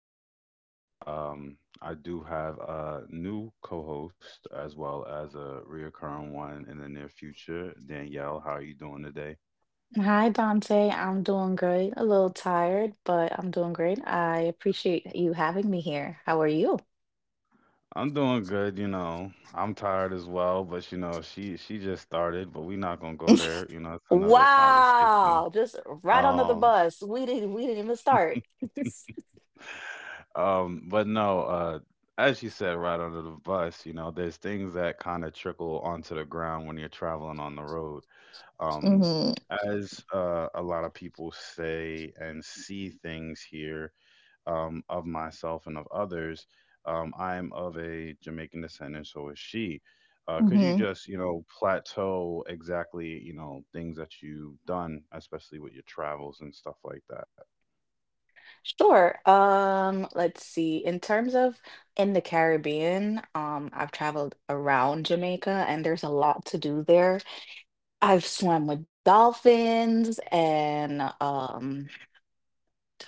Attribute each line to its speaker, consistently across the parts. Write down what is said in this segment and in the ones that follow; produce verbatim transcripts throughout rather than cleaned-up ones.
Speaker 1: with Your Mind. Um, I do have a new co-host as well as a reoccurring one in the near future. Danielle, how are you doing today?
Speaker 2: Hi, Dante. I'm doing great. A little tired, but I'm doing great. I appreciate you having me here. How are you?
Speaker 1: I'm doing good, you know. I'm tired as well, but you know, she she just started, but we're not gonna go there. You know, it's another conversation.
Speaker 2: Wow, just right under the
Speaker 1: Um,
Speaker 2: bus. We didn't we didn't even start.
Speaker 1: um, but no, uh, as you said, right under the bus, you know, there's things that kind of trickle onto the ground when you're traveling on the road. Um,
Speaker 2: hmm
Speaker 1: as uh, a lot of people say and see things here, um, of myself and of others, um, I'm of a Jamaican descent, and so is she. Uh, could you
Speaker 2: hmm
Speaker 1: just, you know, plateau exactly, you know, things that you've done, especially with your travels and stuff like that?
Speaker 2: Sure. Um, let's see. In terms of in the Caribbean, um, I've traveled around Jamaica and there's a lot to do there. I've swam with dolphins and um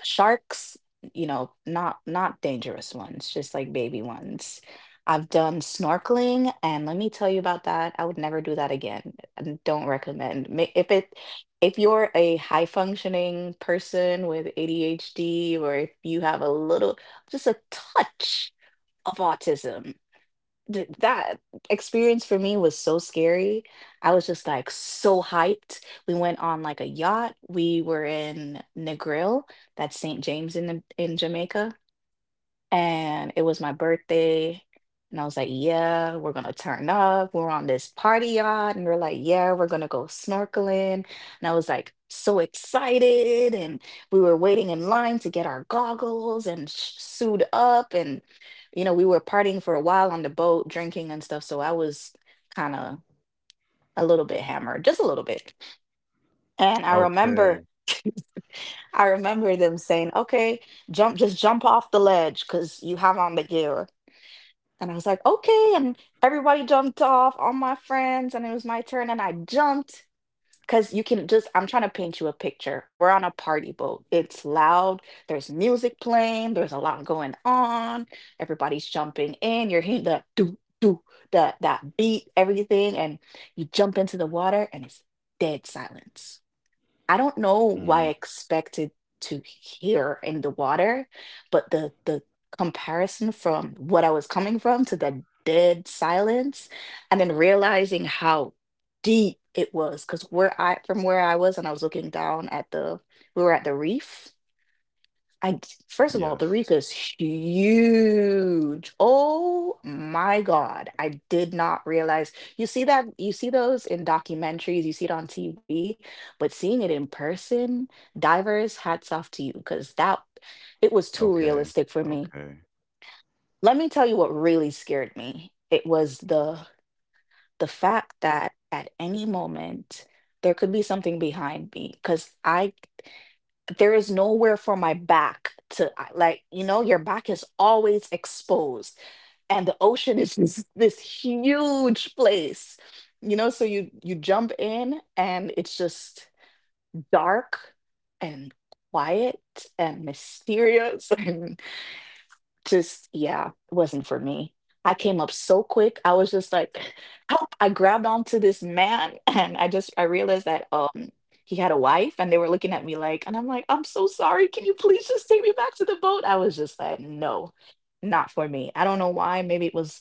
Speaker 2: sharks, you know, not not dangerous ones, just like baby ones. I've done snorkeling, and let me tell you about that, I would never do that again and don't recommend. Ma- if it, if you're a high functioning person with adhd, or if you have a little, just a touch of autism D, that experience for me was so scary. I was just, like, so hyped. We went on, like, a yacht. We were in Negril, that's Saint James in the, in Jamaica, and it was my birthday. And I was like, yeah, we're gonna turn up. We're on this party yacht. And they're like, yeah, we're gonna go snorkeling. And I was like, so excited. And we were waiting in line to get our goggles and sh- suit up. And, you know, we were partying for a while on the boat, drinking and stuff. So I was kind of a little bit hammered, just a little bit. And I remember,
Speaker 1: Okay.
Speaker 2: I remember them saying, okay, jump, just jump off the ledge because you have on the gear. And I was like, okay. And everybody jumped off, all my friends, and it was my turn. And I jumped because you can just, I'm trying to paint you a picture. We're on a party boat. It's loud. There's music playing. There's a lot going on. Everybody's jumping in. You're hearing the do, do, the, that beat, everything. And you jump into the water and it's dead silence. I don't know
Speaker 1: Mm,
Speaker 2: why I expected to hear in the water, but the the comparison from what I was coming from to the dead silence, and then realizing how deep it was, because where I from where I was, and I was looking down at the, we were at the reef. I d-
Speaker 1: yes.
Speaker 2: first of all, the reef is huge. Oh my God. I did not realize. You see that, you see those in documentaries, you see it on T V, but seeing it in person, divers, hats off to you, because that, it was too
Speaker 1: Okay.
Speaker 2: realistic for me.
Speaker 1: Okay.
Speaker 2: Let me tell you what really scared me. It was the the fact that at any moment there could be something behind me, because I, there is nowhere for my back to I- like, you know, your back is always exposed, and the ocean is this, this huge place, you know. So you you jump in and it's just dark and quiet and mysterious. Just yeah, it wasn't for me. I came up so quick. I was just like, help. I grabbed onto this man and I just, I realized that um he had a wife and they were looking at me like, and I'm like, I'm so sorry. Can you please just take me back to the boat? I was just like, no, not for me. I don't know why. Maybe it was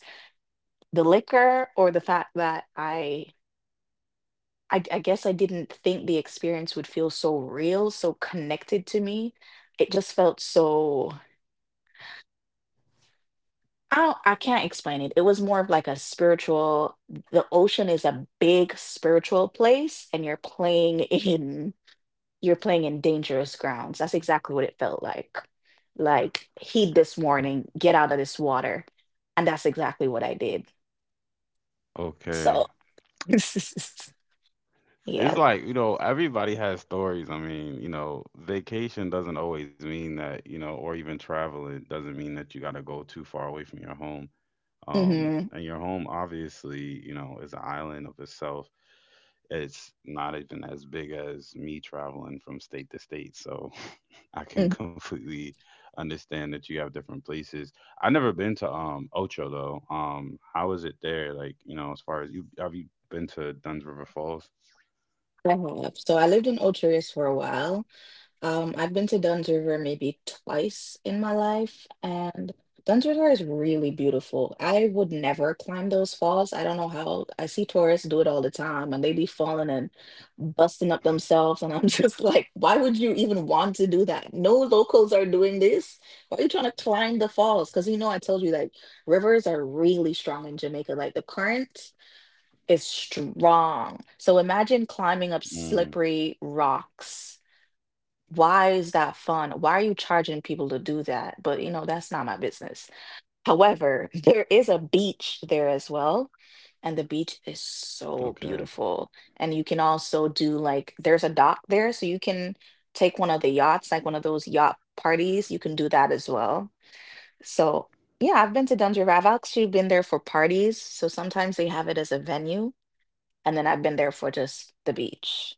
Speaker 2: the liquor or the fact that I I, I guess I didn't think the experience would feel so real, so connected to me. It just felt so. I I can't explain it. It was more of like a spiritual, the ocean is a big spiritual place and you're playing in, you're playing in dangerous grounds. That's exactly what it felt like. Like, heed this warning, get out of this water. And that's exactly what I did.
Speaker 1: Okay.
Speaker 2: So,
Speaker 1: It's
Speaker 2: yeah.
Speaker 1: like, you know, everybody has stories. I mean, you know, vacation doesn't always mean that, you know, or even travel, it doesn't mean that you got to go too far away from your home. Um,
Speaker 2: Mm-hmm.
Speaker 1: and your home, obviously, you know, is an island of itself. It's not even as big as me traveling from state to state. So I
Speaker 2: I
Speaker 1: can completely understand that you have different places. I've never been to um Ocho though. Um, how is it there? Like, you know, as far as you have you been to Duns River Falls?
Speaker 2: have. So I lived in Ocherius for a while. Um, I've been to Dunn's River maybe twice in my life, and Dunn's River is really beautiful. I would never climb those falls. I don't know how. I see tourists do it all the time, and they be falling and busting up themselves, and I'm just like, why would you even want to do that? No locals are doing this. Why are you trying to climb the falls? Because, you know, I told you like rivers are really strong in Jamaica. Like the current is strong. So imagine climbing up
Speaker 1: Mm,
Speaker 2: slippery rocks. Why is that fun? Why are you charging people to do that? But you know, that's not my business. However, there is a beach there as well. And the beach is
Speaker 1: okay.
Speaker 2: so beautiful. And you can also do like, there's a dock there. So you can take one of the yachts, like one of those yacht parties. You can do that as well. So, yeah, I've been to Dundee. I've actually been there for parties. So sometimes they have it as a venue. And then I've been there for just the beach.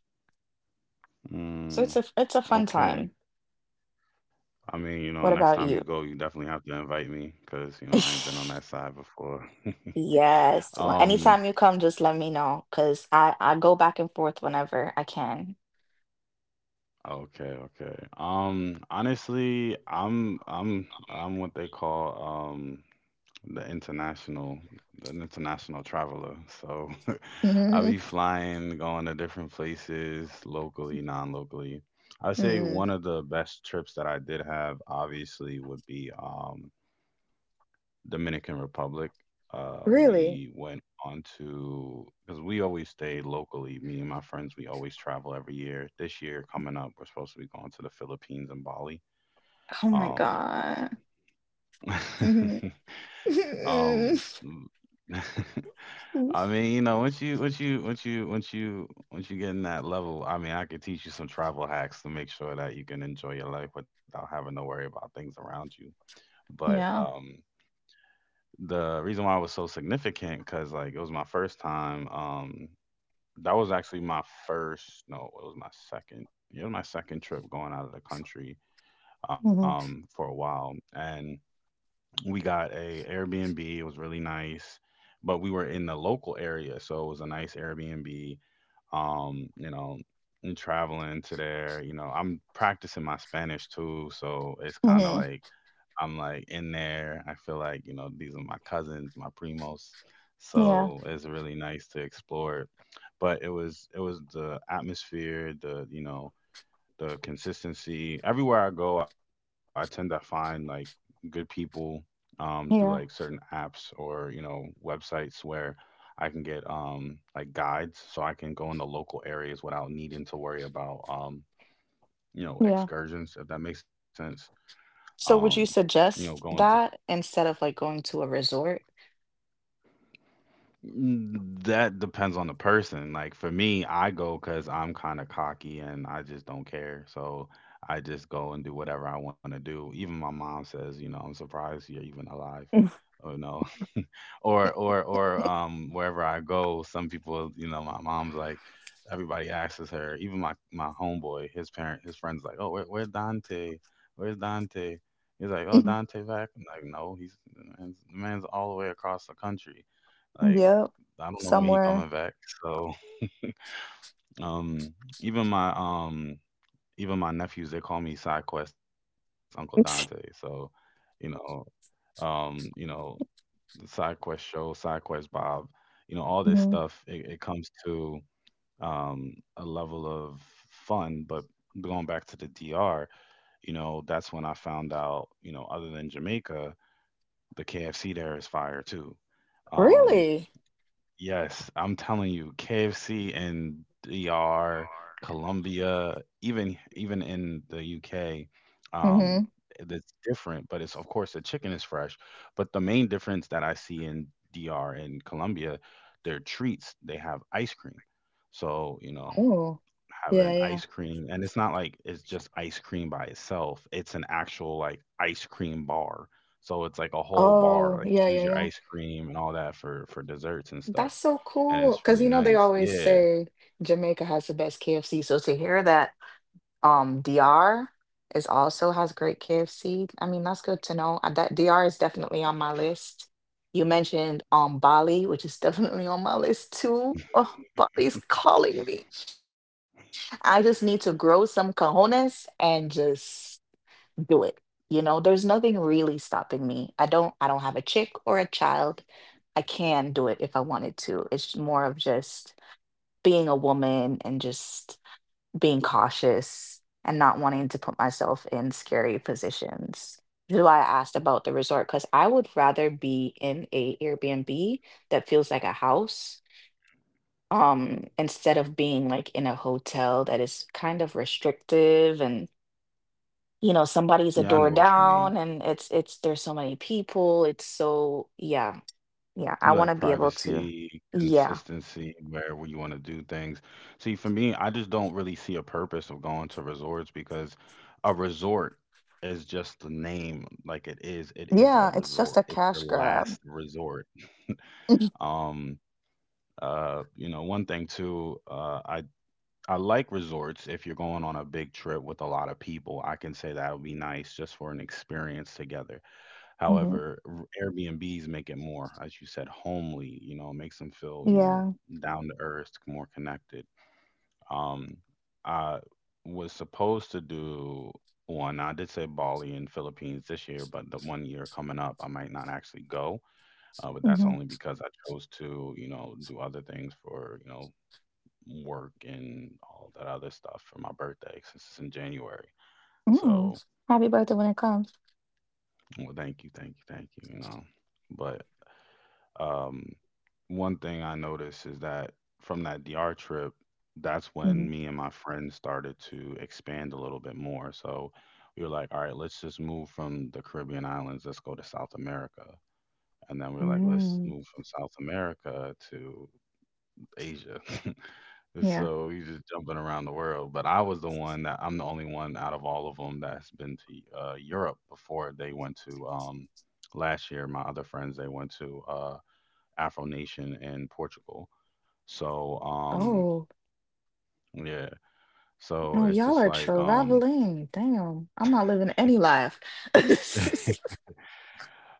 Speaker 2: So it's a,
Speaker 1: Mm,
Speaker 2: it's a fun
Speaker 1: okay.
Speaker 2: time.
Speaker 1: I mean, you know,
Speaker 2: What
Speaker 1: next
Speaker 2: about
Speaker 1: time you
Speaker 2: you?
Speaker 1: go, you definitely have to invite me because, you know, I ain't been on that side before.
Speaker 2: Yes. Well,
Speaker 1: Um,
Speaker 2: anytime you come, just let me know because I, I go back and forth whenever I can.
Speaker 1: okay, okay. Um, honestly, I'm I'm I'm what they call um the international the international traveler. So I'll
Speaker 2: Mhm,
Speaker 1: be flying, going to different places, locally, non-locally. I'd say
Speaker 2: mhm.
Speaker 1: one of the best trips that I did have obviously would be um Dominican Republic. Uh,
Speaker 2: Really?
Speaker 1: we went on to because we always stay locally. Me and my friends, we always travel every year. This year coming up, we're supposed to be going to the Philippines and Bali.
Speaker 2: Oh my
Speaker 1: Um,
Speaker 2: God. Mhm.
Speaker 1: um, I mean, you know, once you once you once you once you once you get in that level, I mean, I could teach you some travel hacks to make sure that you can enjoy your life without having to worry about things around you. But
Speaker 2: Yeah.
Speaker 1: um, the reason why it was so significant because like it was my first time, um that was actually my first, no, it was my second, yeah, it was my second trip going out of the country
Speaker 2: Mhm,
Speaker 1: um for a while, and we got a Airbnb. It was really nice, but we were in the local area, so it was a nice Airbnb. Um you know, and traveling to there, you know, I'm practicing my Spanish too, so it's kind of
Speaker 2: mhm.
Speaker 1: like I'm like in there. I feel like, you know, these are my cousins, my primos.
Speaker 2: Yeah.
Speaker 1: So it's really nice to explore it. But it was it was the atmosphere, the, you know, the consistency. Everywhere I go, I tend to find like good people um through like certain
Speaker 2: Yeah.
Speaker 1: apps or, you know, websites where I can get um like guides so I can go in the local areas without needing to worry about, um, you know,
Speaker 2: Yeah.
Speaker 1: excursions, if that makes sense. Um,
Speaker 2: So would you
Speaker 1: you know,
Speaker 2: suggest
Speaker 1: going.
Speaker 2: that instead of like going to a resort?
Speaker 1: Mm, That depends on the person. Like for me, I go because I'm kind of cocky and I just don't care. So I just go and do whatever I want to do. Even my mom says, you know, I'm surprised you're even alive. Oh, no. Or or or um wherever I go, some people, you know, my mom's like, everybody asks her. Even my my homeboy, his parent, his friends, like, oh, where where Dante? Where's Dante? He's like, oh, Dante back. I'm like, no, he's the man's the man's all the way across the country. Like,
Speaker 2: Yep.
Speaker 1: I don't know when he
Speaker 2: Somewhere.
Speaker 1: coming back. So um, even my um, even my nephews they call me Side Quest Uncle Dante. So you know, um, you know the Side Quest show, Side Quest Bob, you know all this
Speaker 2: Mhm.
Speaker 1: stuff. It, it comes to, um, a level of fun, but going back to the D R, you know that's when I found out, you know, other than Jamaica, the K F C there is fire too. Um,
Speaker 2: Really?
Speaker 1: Yes, I'm telling you, K F C in D R, Colombia, even even in the U K, um,
Speaker 2: Mm-hmm.
Speaker 1: it's different, but it's of course the chicken is fresh. But the main difference that I see in D R and Colombia, their treats, they have ice cream. So, you know,
Speaker 2: Oh, yeah,
Speaker 1: having
Speaker 2: yeah.
Speaker 1: ice cream, and it's not like it's just ice cream by itself. It's an actual like ice cream bar. So it's like a whole bar,
Speaker 2: Oh,
Speaker 1: like
Speaker 2: yeah,
Speaker 1: choose
Speaker 2: yeah,
Speaker 1: your
Speaker 2: yeah.
Speaker 1: ice cream and all that for for desserts and stuff
Speaker 2: That's so
Speaker 1: and
Speaker 2: cool.
Speaker 1: it's
Speaker 2: Because
Speaker 1: really
Speaker 2: you know they
Speaker 1: nice.
Speaker 2: always
Speaker 1: Yeah.
Speaker 2: say Jamaica has the best K F C. So to hear that um D R is also has great K F C, I mean that's good to know. Uh, That D R is definitely on my list. You mentioned um Bali, which is definitely on my list too. Oh, Bali's calling me. I just need to grow some cojones and just do it. You know, there's nothing really stopping me. I don't I don't have a chick or a child. I can do it if I wanted to. It's more of just being a woman and just being cautious and not wanting to put myself in scary positions. This is why I asked about the resort because I would rather be in a Airbnb that feels like a house, um instead of being like in a hotel that is kind of restrictive, and you know somebody's
Speaker 1: Yeah,
Speaker 2: a
Speaker 1: I know
Speaker 2: door
Speaker 1: what you mean.
Speaker 2: down, and it's it's there's so many people, it's so yeah. Yeah,
Speaker 1: You
Speaker 2: I
Speaker 1: like
Speaker 2: want to be able to,
Speaker 1: privacy,
Speaker 2: yeah,
Speaker 1: consistency, where where you want to do things. See, for me, I just don't really see a purpose of going to resorts because a resort is just the name like it is. It is a
Speaker 2: yeah, it's
Speaker 1: resort.
Speaker 2: just
Speaker 1: It's
Speaker 2: a
Speaker 1: your
Speaker 2: cash
Speaker 1: last
Speaker 2: grab.
Speaker 1: resort. Um uh you know, one thing too, uh I I like resorts if you're going on a big trip with a lot of people. I can say that would be nice just for an experience together.
Speaker 2: hmm
Speaker 1: However, r Airbnbs make it more, as you said, homely, you know, it makes them feel, you know,
Speaker 2: yeah
Speaker 1: down to earth, more connected. Um, I was supposed to do one. I did say Bali and Philippines this year, but the one year coming up, I might not actually go. Uh, but that's
Speaker 2: hmm
Speaker 1: only because I chose to, you know, do other things for, you know, work and all that other stuff for my birthday since it's in January. So,
Speaker 2: mm Happy birthday when it comes.
Speaker 1: well, thank you, thank you, thank you, you know. But Um, one thing I noticed is that from that D R trip, that's
Speaker 2: Hmm
Speaker 1: when me and my friends started to expand a little bit more. So we were like, all right, let's just move from the Caribbean islands, let's go to South America. And then we were like, let's
Speaker 2: mm
Speaker 1: move from South America to Asia.
Speaker 2: yeah
Speaker 1: So we just jumping around the world. But I was the one that I'm the only one out of all of them that's been to uh, Europe before they went to, um, last year. My other friends, they went to. Uh, Afro Nation in Portugal. So um
Speaker 2: Oh
Speaker 1: yeah, so
Speaker 2: no,
Speaker 1: it's
Speaker 2: y'all
Speaker 1: just
Speaker 2: are
Speaker 1: like um
Speaker 2: traveling damn, I'm not living any life.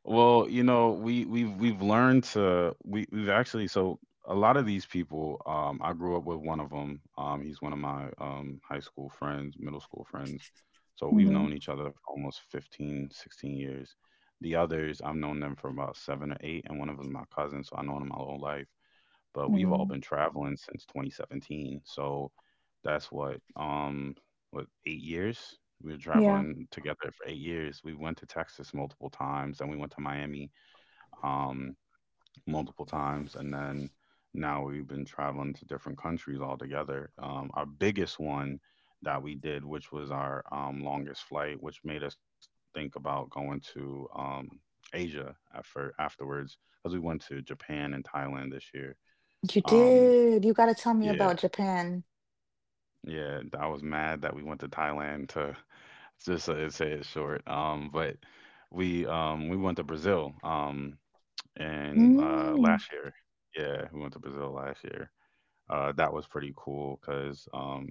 Speaker 1: well, you know, we we've we've learned to we we've actually, so a lot of these people um I grew up with one of them. Um he's one of my um high school friends, middle school friends. So we've
Speaker 2: hmm
Speaker 1: known each other for almost fifteen, sixteen years. The others, I've known them for about seven or eight and one of them's my cousin, so I know him my whole life. But we've all
Speaker 2: mm
Speaker 1: been traveling since twenty seventeen. So that's what, um what, eight years? We were
Speaker 2: yeah
Speaker 1: traveling together for eight years. We went to Texas multiple times and we went to Miami um multiple times and then now we've been traveling to different countries all together. Um our biggest one that we did which was our um longest flight which made us think about going to um Asia after afterwards because we went to Japan and Thailand this year.
Speaker 2: You
Speaker 1: Um,
Speaker 2: did, you got to tell me
Speaker 1: yeah,
Speaker 2: about japan.
Speaker 1: yeah, I was mad that we went to Thailand to just to say it short. Um, but we um we went to Brazil um and uh
Speaker 2: Mm.
Speaker 1: last year. Yeah, we went to Brazil last year. Uh, that was pretty cool because um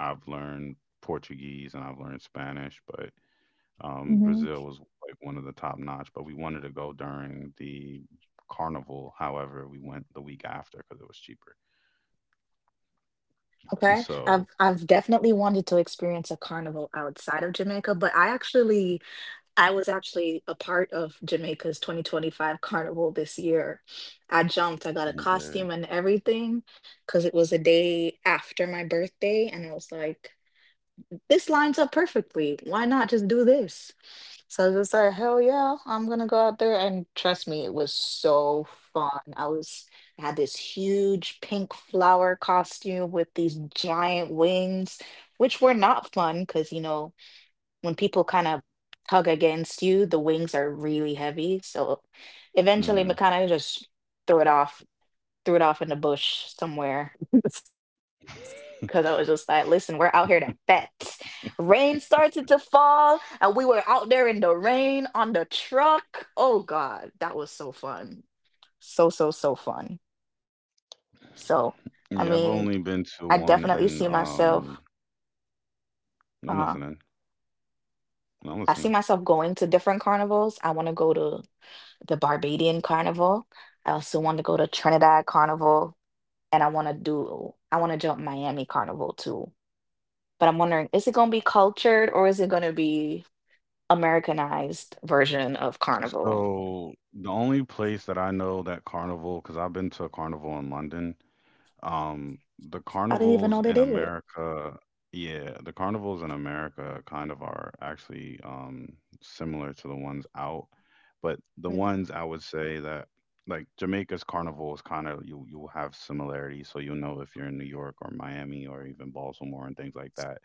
Speaker 1: I've learned Portuguese and I've learned Spanish, but um
Speaker 2: Mm-hmm.
Speaker 1: Brazil was like one of the top notch. But we wanted to go during the carnival. However, we went the week after because it was cheaper.
Speaker 2: Okay. I've
Speaker 1: So
Speaker 2: I've definitely wanted to experience a carnival outside of Jamaica, but I actually, I was actually a part of Jamaica's twenty twenty-five carnival this year. I jumped, I got a costume
Speaker 1: okay.
Speaker 2: and everything because it was a day after my birthday, and I was like, this lines up perfectly. Why not just do this? So I was just like, hell yeah, I'm gonna go out there. And trust me, it was so fun. I was I had this huge pink flower costume with these giant wings, which were not fun because, you know, when people kind of tug against you, the wings are really heavy. So eventually
Speaker 1: Hmm.
Speaker 2: Makana just threw it off threw it off in the bush somewhere because I was just like, listen, we're out here to fet. Rain started to fall, and we were out there in the rain on the truck. Oh God, that was so fun. So, so, so fun. So, I mean,
Speaker 1: Yeah,
Speaker 2: I
Speaker 1: I've only
Speaker 2: definitely
Speaker 1: been
Speaker 2: see
Speaker 1: to one
Speaker 2: myself,
Speaker 1: in, um
Speaker 2: uh,
Speaker 1: no, I'm listening.
Speaker 2: I see
Speaker 1: No, I'm
Speaker 2: myself
Speaker 1: listening.
Speaker 2: going to different carnivals. I want to go to the Barbadian Carnival. I also want to go to Trinidad Carnival, and I want to do, I want to jump Miami Carnival too, but I'm wondering, is it going to be cultured or is it going to be Americanized version of Carnival?
Speaker 1: So the only place that I know that carnival, because I've been to a carnival in London, um, the
Speaker 2: I didn't even
Speaker 1: carnivals
Speaker 2: know they
Speaker 1: in
Speaker 2: did it.
Speaker 1: America, yeah, the carnivals in America kind of are actually um similar to the ones out, but the
Speaker 2: Mm-hmm.
Speaker 1: ones I would say that like Jamaica's carnival is kind of you you'll have similarities, so you'll know if you're in New York or Miami or even Baltimore and things like that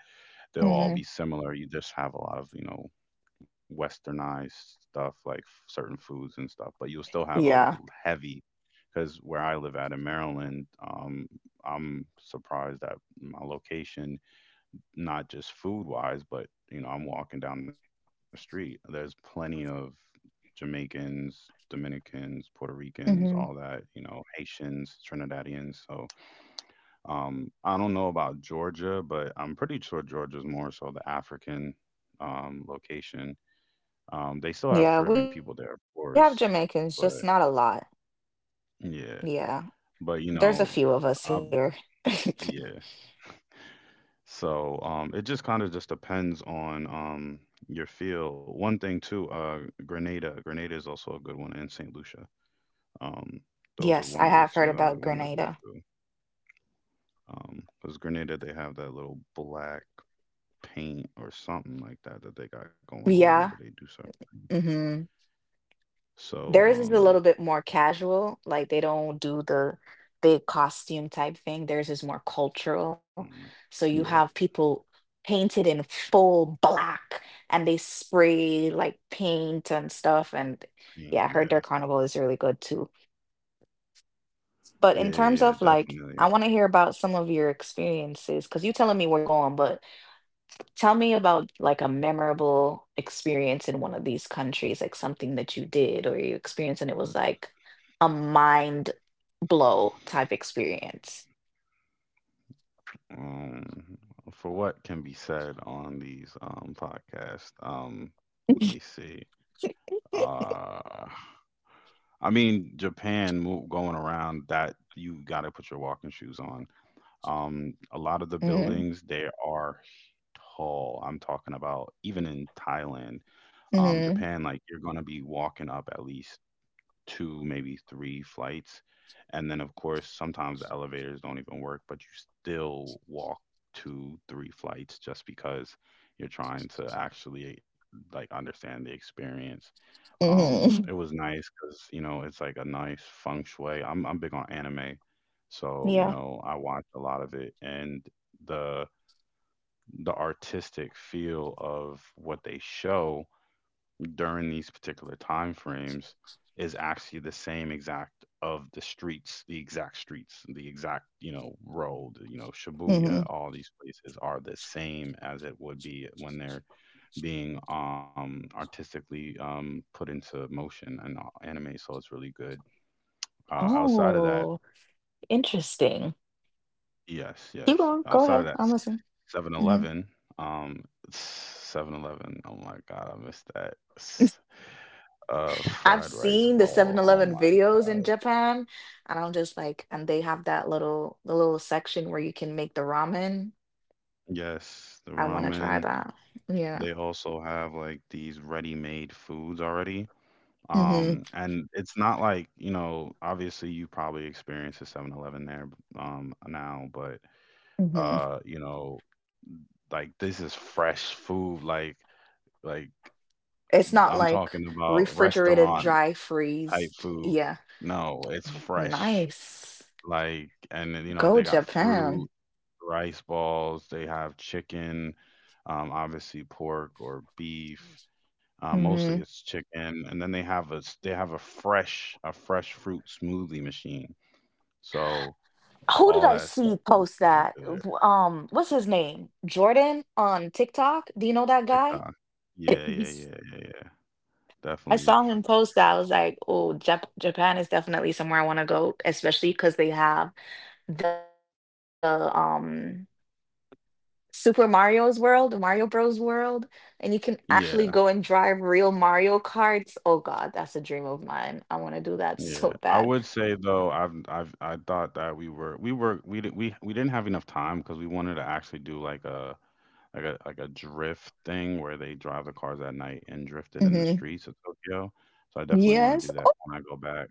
Speaker 1: they'll all
Speaker 2: hmm
Speaker 1: be similar. You just have a lot of, you know, westernized stuff like f- certain foods and stuff, but you'll still have a l-
Speaker 2: Yeah.
Speaker 1: heavy because where I live at in Maryland, um, I'm surprised at my location, not just food wise, but you know, I'm walking down the street. There's plenty of Jamaicans, Dominicans, Puerto Ricans, all
Speaker 2: hmm
Speaker 1: that, you know, Haitians, Trinidadians. So um, I don't know about Georgia, but I'm pretty sure Georgia's more so the African um, location. Um, they still have Caribbean
Speaker 2: Yeah,
Speaker 1: people
Speaker 2: we
Speaker 1: there,
Speaker 2: have
Speaker 1: of
Speaker 2: Jamaicans,
Speaker 1: course,
Speaker 2: just not a
Speaker 1: but
Speaker 2: lot.
Speaker 1: yeah,
Speaker 2: Yeah,
Speaker 1: but you
Speaker 2: there's a
Speaker 1: know,
Speaker 2: few of us
Speaker 1: I've
Speaker 2: here.
Speaker 1: yeah. So um, it just kind of just depends on um, your field. One thing too, uh, Grenada. Grenada is also a good one, and Saint Lucia. Um, those are
Speaker 2: Yes,
Speaker 1: one
Speaker 2: I
Speaker 1: of the
Speaker 2: have heard
Speaker 1: two I would
Speaker 2: about
Speaker 1: want to go
Speaker 2: Grenada.
Speaker 1: to. Um, because Grenada, they have that little black paint or something like that that they got going on whenever
Speaker 2: Yeah.
Speaker 1: they do certain things.
Speaker 2: hmm
Speaker 1: So,
Speaker 2: Theirs is
Speaker 1: um,
Speaker 2: a little bit more casual, like they don't do the big costume type thing. Theirs is more cultural.
Speaker 1: mm,
Speaker 2: So you
Speaker 1: yeah,
Speaker 2: have people painted in full black, and they spray like paint and stuff. And
Speaker 1: paint,
Speaker 2: yeah, I
Speaker 1: yeah,
Speaker 2: heard their carnival is really good too.
Speaker 1: yeah,
Speaker 2: But
Speaker 1: yeah,
Speaker 2: in
Speaker 1: yeah,
Speaker 2: terms of like,
Speaker 1: definitely.
Speaker 2: I want to hear about some of your experiences because you telling me where you're going, but tell me about like a memorable experience in one of these countries, like something that you did or you experienced and it was like a mind blow type experience.
Speaker 1: Um, for what can be said on these um podcasts, um, let me see. Uh, I mean, Japan move, going around that you got to put your walking shoes on. Um, a lot of the
Speaker 2: Mm-hmm.
Speaker 1: buildings they are tall. I'm talking about even in Thailand, um,
Speaker 2: Mm-hmm.
Speaker 1: Japan, like you're gonna be walking up at least two, maybe three flights. And then of course, sometimes the elevators don't even work, but you still walk two, three flights just because you're trying to actually like understand the experience. Um, it
Speaker 2: Mm-hmm.
Speaker 1: was nice because, you know, it's like a nice feng shui. I'm I'm big on anime. So, you
Speaker 2: Yeah.
Speaker 1: know, I watch a lot of it, and the the artistic feel of what they show during these particular time frames is actually the same exact of the streets, the exact streets, the exact, you know, road, you know, Shibuya,
Speaker 2: Mm-hmm.
Speaker 1: all these places are the same as it would be when they're being um artistically um put into motion and uh, anime, so it's really good. Uh, outside of that,
Speaker 2: Oh, interesting.
Speaker 1: yes,
Speaker 2: Keep
Speaker 1: yes.
Speaker 2: going. Go
Speaker 1: Outside of
Speaker 2: ahead.
Speaker 1: that,
Speaker 2: I'm listening.
Speaker 1: Seven
Speaker 2: hmm
Speaker 1: Eleven, um, Seven Eleven. Oh my god, I missed that. S- Uh,
Speaker 2: I've
Speaker 1: fried rice
Speaker 2: seen the Seven
Speaker 1: ball. Oh
Speaker 2: Eleven
Speaker 1: my.
Speaker 2: videos in Japan, and I'm just like, and they have that little the little section where you can make the ramen.
Speaker 1: Yes, the
Speaker 2: I want to try
Speaker 1: ramen.
Speaker 2: that. Yeah.
Speaker 1: They also have like these ready-made foods already. Um, and it's not like, you know, obviously you probably experienced a Seven Eleven there um now, but
Speaker 2: Mhm.
Speaker 1: uh, you know, like this is fresh food, like like
Speaker 2: It's not
Speaker 1: I'm
Speaker 2: like
Speaker 1: talking about
Speaker 2: refrigerated,
Speaker 1: restaurant
Speaker 2: dry
Speaker 1: type
Speaker 2: freezed.
Speaker 1: food.
Speaker 2: Yeah.
Speaker 1: No, it's fresh.
Speaker 2: Nice.
Speaker 1: Like, and then, you know,
Speaker 2: Go
Speaker 1: they got
Speaker 2: Japan.
Speaker 1: fruit, rice balls, they have chicken, um, obviously pork or beef. Uh, mostly
Speaker 2: Mhm.
Speaker 1: it's chicken, and then they have a s- they have a fresh a fresh fruit smoothie machine. So
Speaker 2: Who did
Speaker 1: all
Speaker 2: I
Speaker 1: that
Speaker 2: see
Speaker 1: stuff is
Speaker 2: post
Speaker 1: under
Speaker 2: that?
Speaker 1: to their
Speaker 2: W- Um, what's his name? Jordan on TikTok. Do you know that guy?
Speaker 1: TikTok. Yeah, yeah,
Speaker 2: He's-
Speaker 1: yeah, yeah, yeah.
Speaker 2: I
Speaker 1: Definitely.
Speaker 2: saw him post that. I was like, "Oh, Jap Japan is definitely somewhere I want to go, especially because they have the um." Super Mario's World, Mario Bros. World, and you can actually
Speaker 1: Yeah.
Speaker 2: go and drive real Mario Karts. Oh God, that's a dream of mine. I want to do that
Speaker 1: Yeah,
Speaker 2: so
Speaker 1: I
Speaker 2: bad.
Speaker 1: would say though, I've I've I thought that we were we were we did we we didn't have enough time because we wanted to actually do like a like a like a drift thing where they drive the cars at night and drift it in the
Speaker 2: hmm
Speaker 1: streets of Tokyo. So I definitely want to do
Speaker 2: Yes,
Speaker 1: that
Speaker 2: oh,
Speaker 1: when I go back.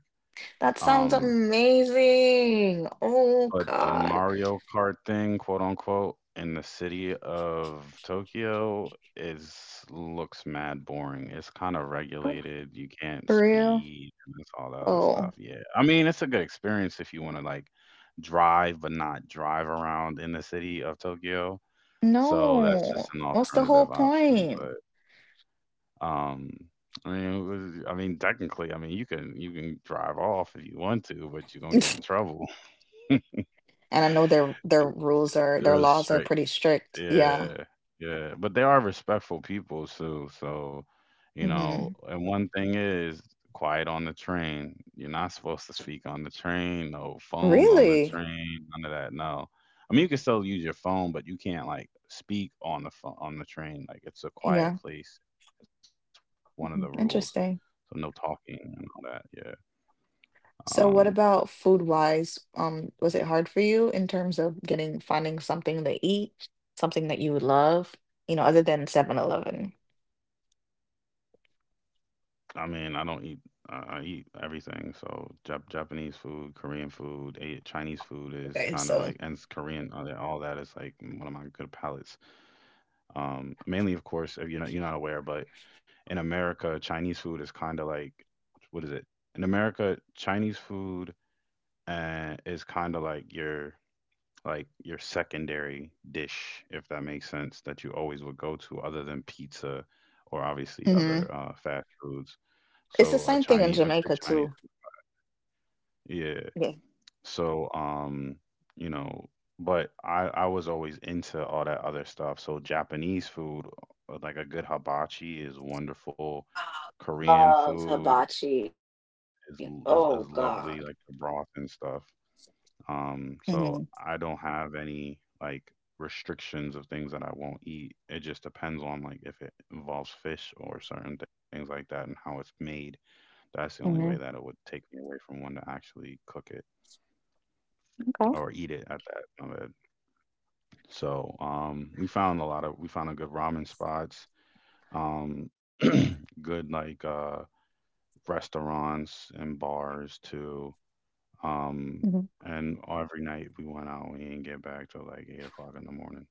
Speaker 2: that sounds
Speaker 1: Um,
Speaker 2: amazing. Oh
Speaker 1: but the
Speaker 2: God.
Speaker 1: Mario Kart thing, quote unquote, in the city of Tokyo is looks mad boring. It's kind of
Speaker 2: Oh,
Speaker 1: regulated. You can't
Speaker 2: for real?
Speaker 1: speed and it's all the other
Speaker 2: Oh
Speaker 1: stuff. Yeah. I mean, it's a good experience if you want to like drive but not drive around in the city of Tokyo. So that's just
Speaker 2: no,
Speaker 1: an
Speaker 2: what's the whole
Speaker 1: alternative option,
Speaker 2: point?
Speaker 1: but um I mean, it was- I mean, technically, I mean, you can you can drive off if you want to, but you're gonna get in trouble.
Speaker 2: And I know their their rules are their
Speaker 1: They're
Speaker 2: laws are
Speaker 1: strict.
Speaker 2: pretty strict. Yeah.
Speaker 1: Yeah, yeah, but they are respectful people too. So, you know,
Speaker 2: hmm
Speaker 1: and one thing is quiet on the train. You're not supposed to speak on the train. No phones on the
Speaker 2: Really?
Speaker 1: train. None of that. No. I mean, you can still use your phone, but you can't like speak on the phone on the train. Like it's a
Speaker 2: Yeah.
Speaker 1: quiet place. It's one of the rules. So no
Speaker 2: Interesting.
Speaker 1: talking and all that. Yeah. Um,
Speaker 2: So what about food wise? Um, was it hard for you in terms of getting finding something to eat, something that you would love, you know, other than Seven Eleven?
Speaker 1: I mean, I don't eat. I I eat everything. So Jap- Japanese food, Korean food, A- Chinese food is kind of
Speaker 2: Okay,
Speaker 1: like, and s-
Speaker 2: so.
Speaker 1: Korean, all that all that is like one of my good palates. Um, mainly, of course, if you're not you're not aware, but in America, Chinese food is kind of like, what is it? In America, Chinese food uh, is kind of like your like your secondary dish, if that makes sense, that you always would go to, other than pizza or obviously
Speaker 2: hmm
Speaker 1: other uh, fast foods.
Speaker 2: It's the
Speaker 1: So a
Speaker 2: same thing in
Speaker 1: Chinese, a good
Speaker 2: Jamaica
Speaker 1: Chinese,
Speaker 2: too.
Speaker 1: yeah.
Speaker 2: Yeah.
Speaker 1: So um, you know, but I I was always into all that other stuff. So Japanese food, uh, like a good hibachi, is wonderful. Korean
Speaker 2: Love
Speaker 1: food
Speaker 2: hibachi. Oh
Speaker 1: is l- is,
Speaker 2: God.
Speaker 1: is lovely, like the broth and stuff. Um,
Speaker 2: Mm-hmm.
Speaker 1: so I don't have any like restrictions of things that I won't eat. It just depends on like if it involves fish or certain things like that and how it's made. That's the only way that it would
Speaker 2: Mm-hmm.
Speaker 1: take me away from wanting to actually cook it or eat it
Speaker 2: Okay.
Speaker 1: at that. My bad. So um, we found a lot of we found a good ramen spots, um, good like uh, restaurants and bars too. Um, and
Speaker 2: Mhm.
Speaker 1: every night we went out, we didn't get back till like eight o'clock in the morning.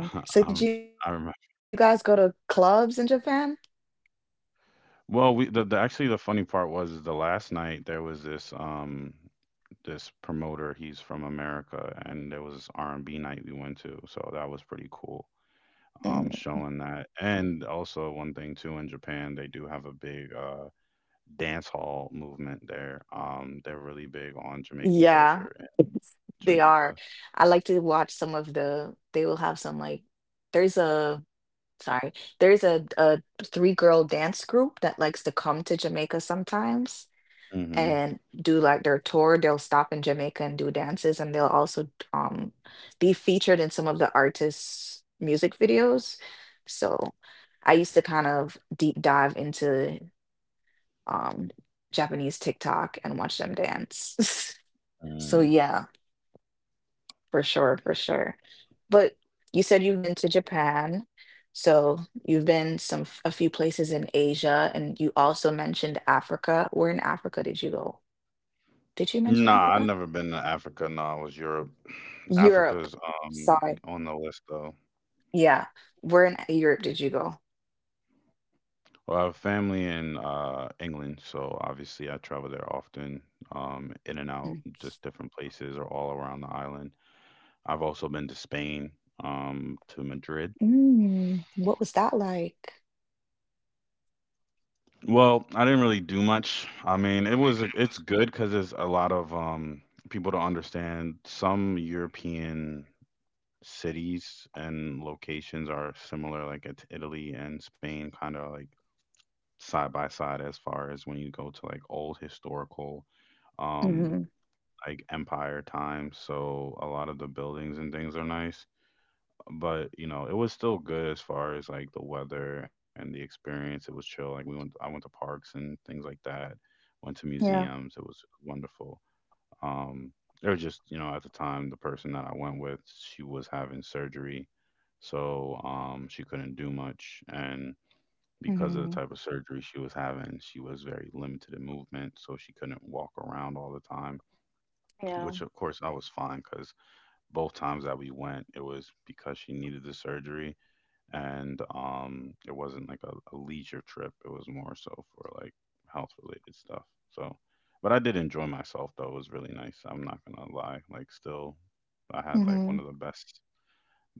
Speaker 1: um, I
Speaker 2: Damn.
Speaker 1: remember.
Speaker 2: So did you guys go to clubs in Japan?
Speaker 1: Well, we the, the actually the funny part was is the last night there was this um this promoter. He's from America, and there was this R and B night we went to, so that was pretty cool. Um,
Speaker 2: Mm.
Speaker 1: showing that, and also one thing too in Japan, they do have a big uh dance hall movement there. Um, they're really big on Jamaican
Speaker 2: Yeah,
Speaker 1: culture in
Speaker 2: they are.
Speaker 1: Jamaica.
Speaker 2: I like to watch some of the, they will have some like, there's a, sorry, there's a, a three girl dance group that likes to come to Jamaica sometimes,
Speaker 1: Hmm.
Speaker 2: and do like their tour. They'll stop in Jamaica and do dances, and they'll also um, be featured in some of the artists' music videos. So I used to kind of deep dive into um, Japanese TikTok and watch them dance. So
Speaker 1: Mm.
Speaker 2: yeah, for sure, for sure. But you said you've been to Japan. So you've been some f- a few places in Asia, and you also mentioned Africa. Where in Africa did you go? Did you mention
Speaker 1: Nah, I've
Speaker 2: Africa?
Speaker 1: never been to Africa. Nah, it was Europe.
Speaker 2: Europe.
Speaker 1: Africa's um
Speaker 2: Sorry.
Speaker 1: on the list though.
Speaker 2: Yeah. Where in Europe did you go?
Speaker 1: Well, I have family in uh, England, so obviously I travel there often, um, in and
Speaker 2: Mm.
Speaker 1: out, just different places or all around the island. I've also been to Spain, um, to Madrid.
Speaker 2: Mm, what was that like?
Speaker 1: Well, I didn't really do much. I mean, it was it's good because there's a lot of um, people to understand. Some European cities and locations are similar, like it- Italy and Spain, kind of like side by side as far as when you go to like old historical um
Speaker 2: Mhm.
Speaker 1: like empire time, so a lot of the buildings and things are nice. But you know, it was still good as far as like the weather and the experience. It was chill. Like we went, I went to parks and things like that. Went to
Speaker 2: Yeah.
Speaker 1: museums. It was wonderful. Um, it was just you know at the time the person that I went with, she was having surgery, so um, she couldn't do much and. Because of the
Speaker 2: Mhm.
Speaker 1: type of surgery she was having, she was very limited in movement, so she couldn't walk around all the time,
Speaker 2: Yeah.
Speaker 1: which of course I was fine because both times that we went, it was because she needed the surgery, and um, it wasn't like a, a leisure trip. It was more so for like health related stuff. So, but I did enjoy myself though. It was really nice. I'm not gonna lie. Like, still, I had like one
Speaker 2: Mhm.
Speaker 1: of the best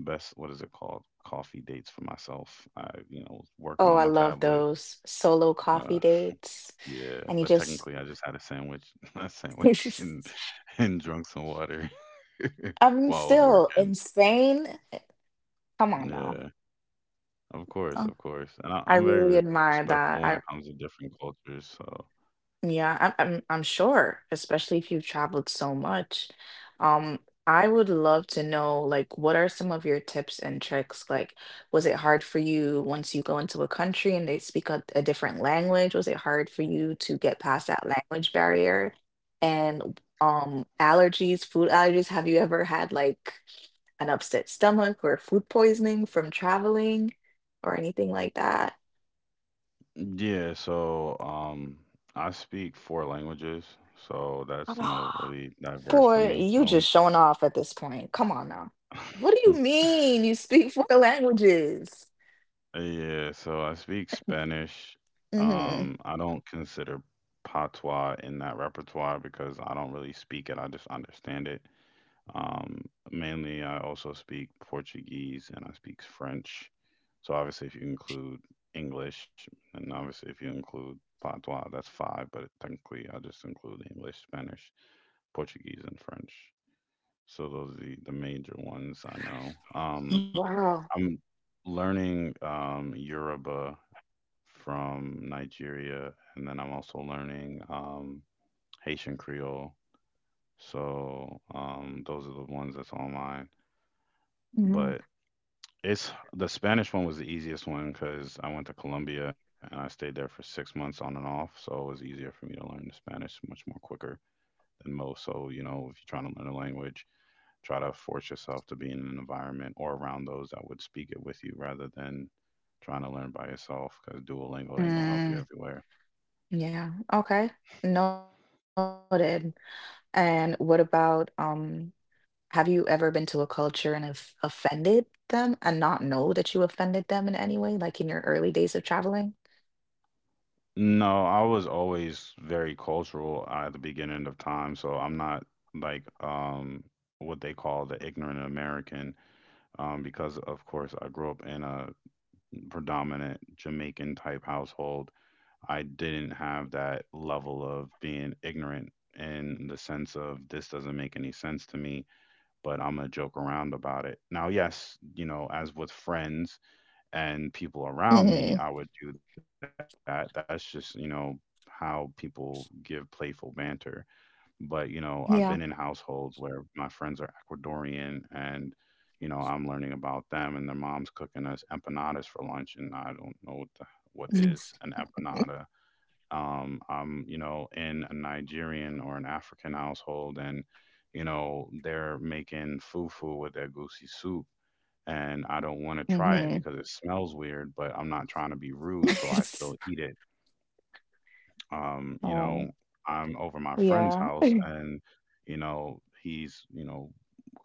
Speaker 1: best what is it called coffee dates for myself. I you know was working
Speaker 2: Oh,
Speaker 1: on
Speaker 2: I
Speaker 1: my
Speaker 2: love
Speaker 1: tablet.
Speaker 2: those solo coffee
Speaker 1: Uh,
Speaker 2: dates.
Speaker 1: yeah,
Speaker 2: And you
Speaker 1: but
Speaker 2: just.
Speaker 1: technically I just had a sandwich a sandwich and and drunk some water
Speaker 2: I mean,
Speaker 1: while I was
Speaker 2: still
Speaker 1: working.
Speaker 2: in Spain. Come on now.
Speaker 1: Yeah, of course,
Speaker 2: Uh,
Speaker 1: of course. And I,
Speaker 2: I
Speaker 1: I'm very
Speaker 2: really admire
Speaker 1: respectful when it
Speaker 2: that.
Speaker 1: comes
Speaker 2: I
Speaker 1: to different cultures. So
Speaker 2: Yeah, I'm I'm I'm sure, especially if you've traveled so much. Um, I would love to know like what are some of your tips and tricks? Like, was it hard for you once you go into a country and they speak a, a different language? Was it hard for you to get past that language barrier? And um, allergies, food allergies, have you ever had like an upset stomach or food poisoning from traveling or anything like that?
Speaker 1: yeah, so um, I speak four languages, so that's no really diverse for
Speaker 2: Boy,
Speaker 1: me. The
Speaker 2: you
Speaker 1: only
Speaker 2: just showing off at this point. Come on now. What do you mean you speak four languages?
Speaker 1: yeah, so I speak Spanish.
Speaker 2: hmm
Speaker 1: Um, I don't consider patois in that repertoire because I don't really speak it. I just understand it. Um, Mainly, I also speak Portuguese and I speak French. So obviously, if you include English, and obviously if you include Patois, that's five. But technically, I just include English, Spanish, Portuguese, and French. So those are the, the major ones I know. Um,
Speaker 2: Wow.
Speaker 1: I'm learning um, Yoruba from Nigeria, and then I'm also learning um, Haitian Creole. So um, those are the ones that's online.
Speaker 2: hmm
Speaker 1: But It's the Spanish one was the easiest one because I went to Colombia and I stayed there for six months on and off, so it was easier for me to learn the Spanish much more quicker than most. So, you know, if you're trying to learn a language, try to force yourself to be in an environment or around those that would speak it with you rather than trying to learn by yourself because Duolingo ain't gonna help you
Speaker 2: Mm,
Speaker 1: everywhere.
Speaker 2: yeah. Okay. Noted. And what about um? Have you ever been to a culture and have offended them and not know that you offended them in any way, like in your early days of traveling?
Speaker 1: No, I was always very cultural at the beginning of time, so I'm not like um what they call the ignorant American, um, because of course I grew up in a predominant Jamaican type household. I didn't have that level of being ignorant in the sense of this doesn't make any sense to me, but I'm gonna joke around about it. Now, yes, you know, as with friends and people around
Speaker 2: hmm
Speaker 1: me, I would do that. That's just you know how people give playful banter, but you know I've been in
Speaker 2: Yeah.
Speaker 1: households where my friends are Ecuadorian, and you know I'm learning about them and their mom's cooking us empanadas for lunch and I don't know what, the, what is an empanada. um I'm you know in a Nigerian or an African household, and you know they're making fufu with their goosey soup, and I don't want to
Speaker 2: Mm-hmm.
Speaker 1: try it because it smells weird, but I'm not trying to be rude, so I still eat it. Um, you know,
Speaker 2: Oh,
Speaker 1: I'm over my friend's
Speaker 2: yeah.
Speaker 1: house and, you know, he's, you know,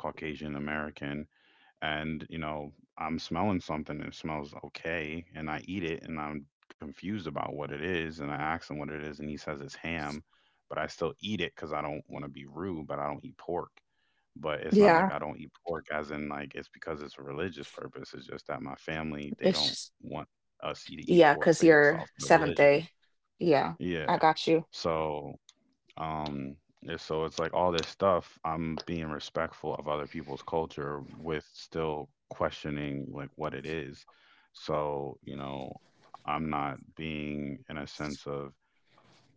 Speaker 1: Caucasian American and, you know, I'm smelling something and it smells okay and I eat it and I'm confused about what it is and I ask him what it is and he says it's ham, but I still eat it cuz I don't want to be rude, but I don't eat pork. But it's not like
Speaker 2: Yeah,
Speaker 1: I don't eat pork as in like it's because it's a religious purpose. It's just that my family, they
Speaker 2: it's
Speaker 1: don't
Speaker 2: just
Speaker 1: want us e, to eat
Speaker 2: Yeah,
Speaker 1: pork
Speaker 2: because
Speaker 1: based off of
Speaker 2: you're
Speaker 1: the
Speaker 2: seventh
Speaker 1: religion.
Speaker 2: day. Yeah,
Speaker 1: Yeah.
Speaker 2: I got you.
Speaker 1: So, um, yeah, so it's like all this stuff. I'm being respectful of other people's culture with still questioning like what it is. So, you know, I'm not being in a sense of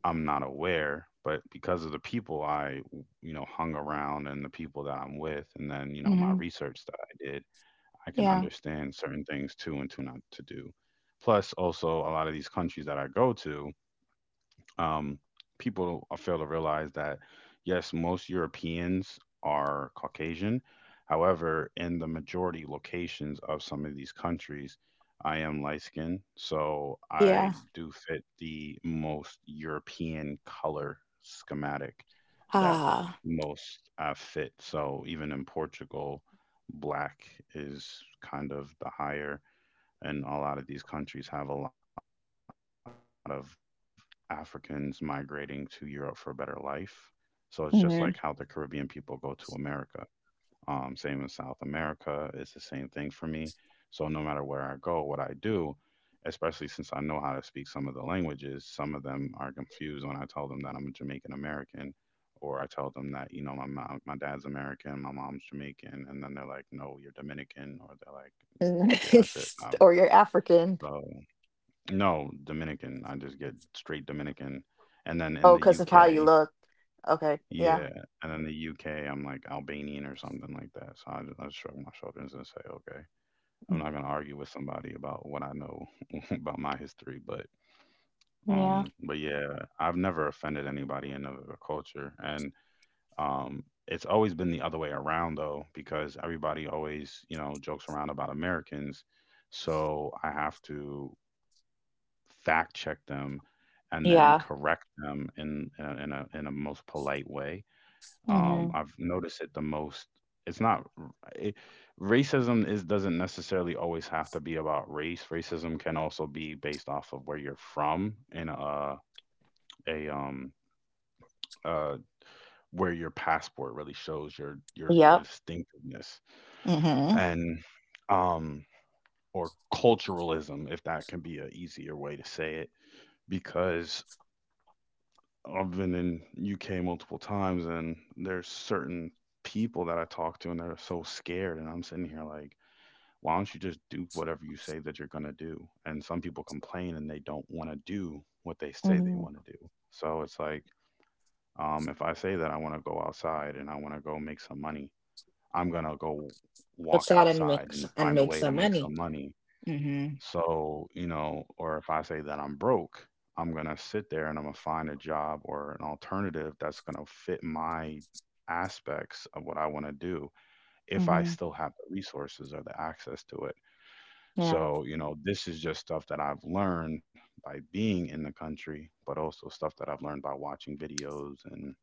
Speaker 1: I'm not aware, but because of the people I, w- you know, hung around and the people that I'm with, and then, you know, my
Speaker 2: hmm
Speaker 1: research that I did, I can
Speaker 2: Yeah,
Speaker 1: understand certain things to and to not to do. Plus, also, a lot of these countries that I go to, um, people fail to realize that yes, most Europeans are Caucasian. However, in the majority locations of some of these countries, I am light skinned, so
Speaker 2: yeah.
Speaker 1: I do fit the most European color schematic that
Speaker 2: Ah.
Speaker 1: most uh, fit. So even in Portugal, black is kind of the higher, and a lot of these countries have a lot of Africans migrating to Europe for a better life. So it's just like how the Caribbean people go to
Speaker 2: Mhm,
Speaker 1: America. Um, same in South America. It's the same thing for me. So no matter where I go, what I do, especially since I know how to speak some of the languages, some of them are confused when I tell them that I'm a Jamaican American, or I tell them that you know my mom, my dad's American, my mom's Jamaican, and then they're like, no, you're Dominican, or they're like, yeah, that's it.
Speaker 2: mhm.
Speaker 1: Um,
Speaker 2: Or you're African.
Speaker 1: so no, Dominican. I just get straight Dominican. And then in
Speaker 2: Oh,
Speaker 1: the
Speaker 2: because of how you
Speaker 1: U K,
Speaker 2: look. Okay.
Speaker 1: yeah.
Speaker 2: Yeah.
Speaker 1: And then the U K, I'm like Albanian or something like that. So I just, I just shrug my shoulders and say, okay, I'm not gonna argue with somebody about what I know about my history. But
Speaker 2: Yeah.
Speaker 1: um, but yeah, I've never offended anybody in another culture, and um, it's always been the other way around though, because everybody always you know jokes around about Americans. So I have to fact check them and then
Speaker 2: Yeah.
Speaker 1: correct them in uh, in a in a most polite way. Um,
Speaker 2: hmm
Speaker 1: I've noticed it the most. It's not r- it, racism is doesn't necessarily always have to be about race. Racism can also be based off of where you're from in a a um uh where your passport really shows your your your
Speaker 2: Yep.
Speaker 1: distinctiveness,
Speaker 2: hmm
Speaker 1: and um or culturalism if that can be a easier way to say it, because I've been in U K multiple times, and there's certain people that I talk to, and they're so scared. And I'm sitting here like, why don't you just do whatever you say that you're gonna do? And some people complain and they don't want to do what they say they
Speaker 2: hmm
Speaker 1: want to do. So it's like, um, if I say that I want to go outside and I want to go make some money, I'm gonna go walk
Speaker 2: Puts out and
Speaker 1: outside
Speaker 2: makes
Speaker 1: and
Speaker 2: and
Speaker 1: find a
Speaker 2: makes
Speaker 1: way to
Speaker 2: some
Speaker 1: make
Speaker 2: money.
Speaker 1: some money.
Speaker 2: hmm
Speaker 1: So, you know, or if I say that I'm broke, I'm going to sit there and I'm going to find a job or an alternative that's going to fit my aspects of what I want to do if I
Speaker 2: hmm
Speaker 1: still have the resources or the access to it.
Speaker 2: Yeah.
Speaker 1: So, you know, this is just stuff that I've learned by being in the country, but also stuff that I've learned by watching videos and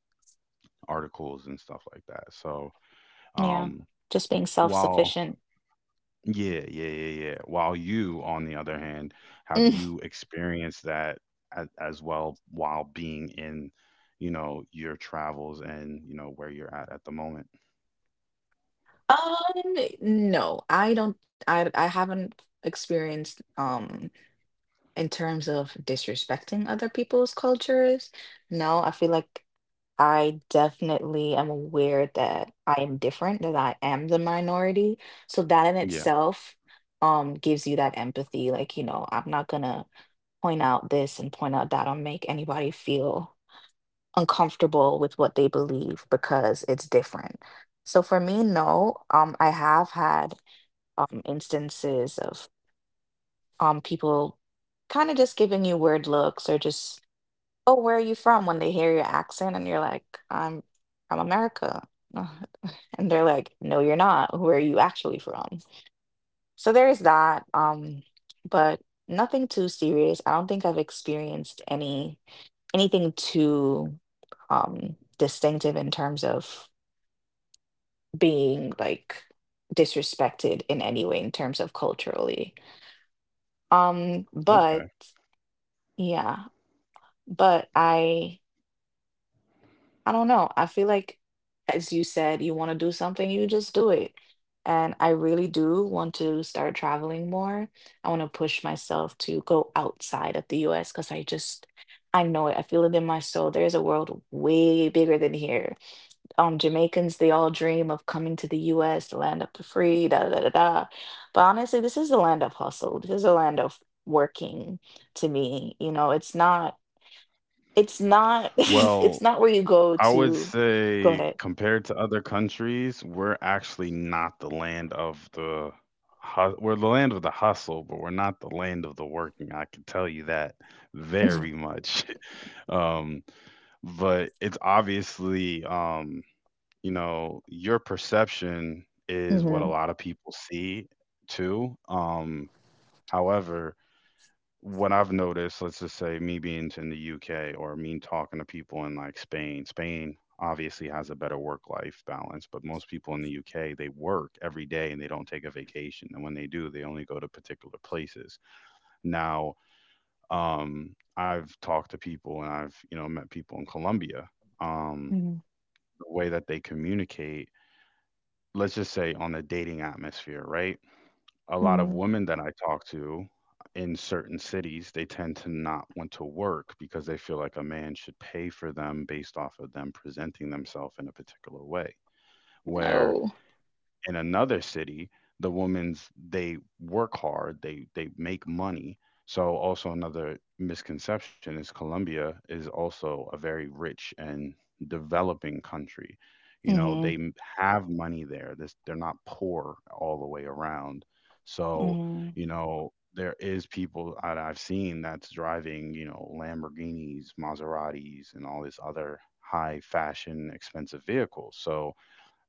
Speaker 1: articles and stuff like that. So,
Speaker 2: Yeah.
Speaker 1: um,
Speaker 2: Just being
Speaker 1: while
Speaker 2: self-sufficient.
Speaker 1: Yeah, yeah, yeah, yeah. While you, on the other hand, have
Speaker 2: Mm.
Speaker 1: you experienced that as, as well while being in, you know, your travels and, you know, where you're at at the moment?
Speaker 2: Um, no, I don't. I I haven't experienced. Um, in terms of disrespecting other people's cultures, no, I feel like I definitely am aware that I am different, that I am the minority. So that in
Speaker 1: Yeah.
Speaker 2: itself um gives you that empathy. Like, you know, I'm not gonna point out this and point out that or make anybody feel uncomfortable with what they believe because it's different. So for me, no, um, I have had um instances of um people kind of just giving you weird looks or just "Oh, where are you from?" When they hear your accent and you're like, "I'm from America." Ugh, and they're like, "No, you're not. Where are you actually from?" So there's that, um, but nothing too serious. I don't think I've experienced any anything too, um, distinctive in terms of being, like, disrespected in any way in terms of culturally. Um, but
Speaker 1: Okay.
Speaker 2: yeah, but I I don't know. I feel like, as you said, you want to do something, you just do it. And I really do want to start traveling more. I want to push myself to go outside of the U S because I just, I know it. I feel it in my soul. There's a world way bigger than here. Um, Jamaicans, they all dream of coming to the U S, the land of the free, da da da da. But honestly, this is the land of hustle. This is the land of working to me. You know, it's not it's not
Speaker 1: Well,
Speaker 2: it's not where you go
Speaker 1: I would
Speaker 2: to. Go
Speaker 1: say
Speaker 2: ahead.
Speaker 1: compared to other countries, we're actually not the land of the hu- we're the land of the hustle, but we're not the land of the working. I can tell you that very much. Um, but it's obviously um you know, your perception is what a
Speaker 2: Mm-hmm.
Speaker 1: lot of people see too. Um, however, what I've noticed, let's just say me being in the U K or me talking to people in like Spain, Spain obviously has a better work life balance, but most people in the U K, they work every day and they don't take a vacation. And when they do, they only go to particular places. Now, um, I've talked to people and I've, you know, met people in Colombia. Um,
Speaker 2: hmm
Speaker 1: the way that they communicate, let's just say on the dating atmosphere, right? A lot of
Speaker 2: hmm
Speaker 1: women that I talk to in certain cities, they tend to not want to work because they feel like a man should pay for them based off of them presenting themselves in a particular way. Where
Speaker 2: No.
Speaker 1: in another city, the women's they work hard, they they make money. So also another misconception is Colombia is also a very rich and developing country. You know, they
Speaker 2: hmm
Speaker 1: m- have money there. This they're not poor all the way around. So,
Speaker 2: hmm
Speaker 1: you know, there is people that I've seen that's driving, you know, Lamborghinis, Maseratis, and all this other high fashion expensive vehicles. So,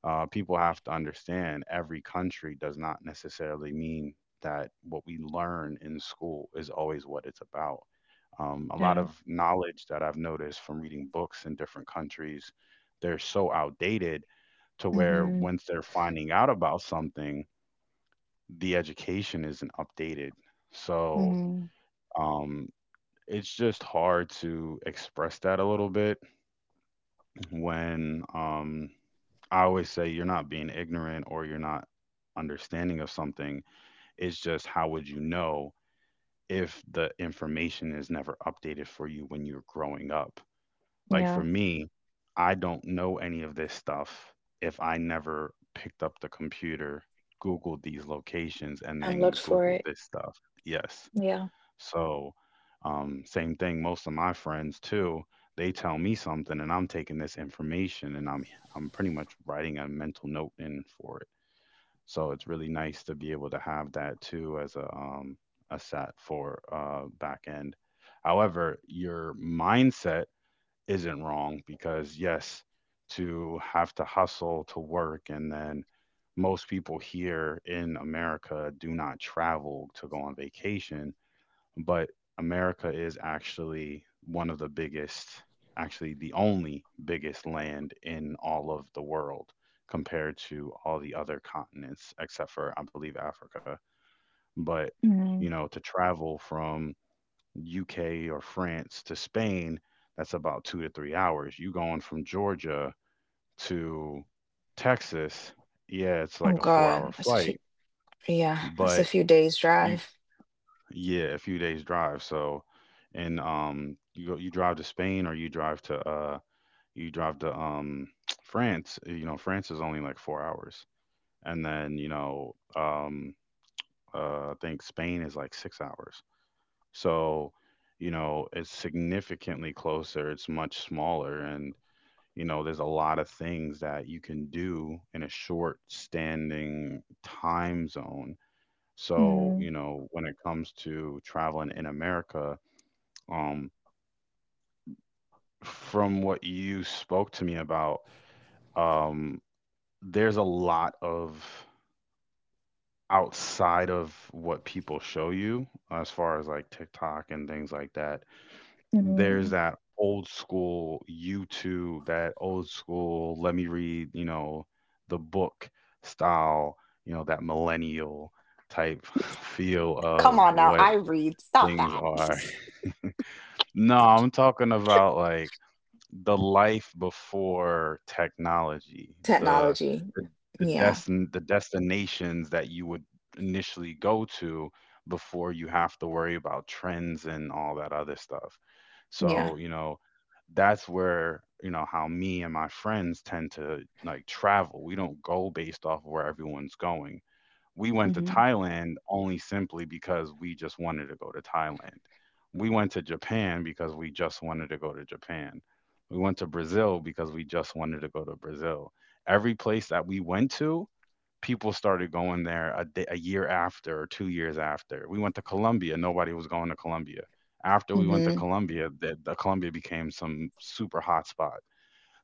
Speaker 1: uh, people have to understand every country does not necessarily mean that what we learn in school is always what it's about. Um, a lot
Speaker 2: yeah.
Speaker 1: of knowledge that I've noticed from reading books in different countries, they're so outdated to where
Speaker 2: hmm
Speaker 1: once they're finding out about something, the education isn't updated. So
Speaker 2: hmm
Speaker 1: um, it's just hard to express that a little bit when um I always say you're not being ignorant or you're not understanding of something. It's just how would you know if the information is never updated for you when you're growing up? Like for
Speaker 2: yeah.
Speaker 1: me, I don't know any of this stuff if I never picked up the computer, Googled these locations,
Speaker 2: i
Speaker 1: and
Speaker 2: looked
Speaker 1: then
Speaker 2: for it
Speaker 1: Googled this stuff. Yes.
Speaker 2: Yeah.
Speaker 1: So, um, same thing. Most of my friends too, they tell me something, and I'm taking this information, and I'm I'm pretty much writing a mental note in for it. So it's really nice to be able to have that too as a um, a set for uh, back end. However, your mindset isn't wrong because yes, to have to hustle to work, and then most people here in America do not travel to go on vacation, but America is actually one of the biggest, actually the only biggest land in all of the world compared to all the other continents except for I believe Africa. But
Speaker 2: hmm
Speaker 1: you know, to travel from U K or France to Spain, that's about two to three hours. You going from Georgia to Texas, yeah, it's
Speaker 2: oh
Speaker 1: like a four hour
Speaker 2: god, that's a few.
Speaker 1: flight,
Speaker 2: Yeah, it's a
Speaker 1: but
Speaker 2: few days
Speaker 1: you
Speaker 2: drive.
Speaker 1: Yeah, a few days drive. So, and um, you go, you drive to Spain or you drive to uh, you drive to um, France. uh, You know, France is only like four hours, and then you know, um, uh, I think Spain is like six hours. So, you know, it's significantly closer. It's much smaller, and you know, there's a lot of things that you can do in a short standing time zone. So,
Speaker 2: hmm
Speaker 1: you know, when it comes to traveling in America, um, from what you spoke to me about, um, there's a lot of outside of what people show you as far as like TikTok and things like that. There's
Speaker 2: hmm
Speaker 1: that old school YouTube, that old school, let me read, you know, the book style, you know, that millennial type feel
Speaker 2: Come
Speaker 1: of
Speaker 2: on now,
Speaker 1: what
Speaker 2: I read, stop
Speaker 1: things
Speaker 2: that.
Speaker 1: are. No, I'm talking about like the life before technology, the
Speaker 2: Technology.
Speaker 1: the the,
Speaker 2: Yeah.
Speaker 1: destin- the destinations that you would initially go to before you have to worry about trends and all that other stuff.
Speaker 2: Yeah.
Speaker 1: So, you know, that's where, you know, how me and my friends tend to like travel. We don't go based off of where everyone's going. We went to
Speaker 2: hmm
Speaker 1: Thailand only simply because we just wanted to go to Thailand. We went to Japan because we just wanted to go to Japan. We went to Brazil because we just wanted to go to Brazil. Every place that we went to, people started going there a, day, a year after or two years after. We went to Colombia, nobody was going to Colombia. After we went to
Speaker 2: hmm
Speaker 1: Colombia, the, the Colombia became some super hot spot.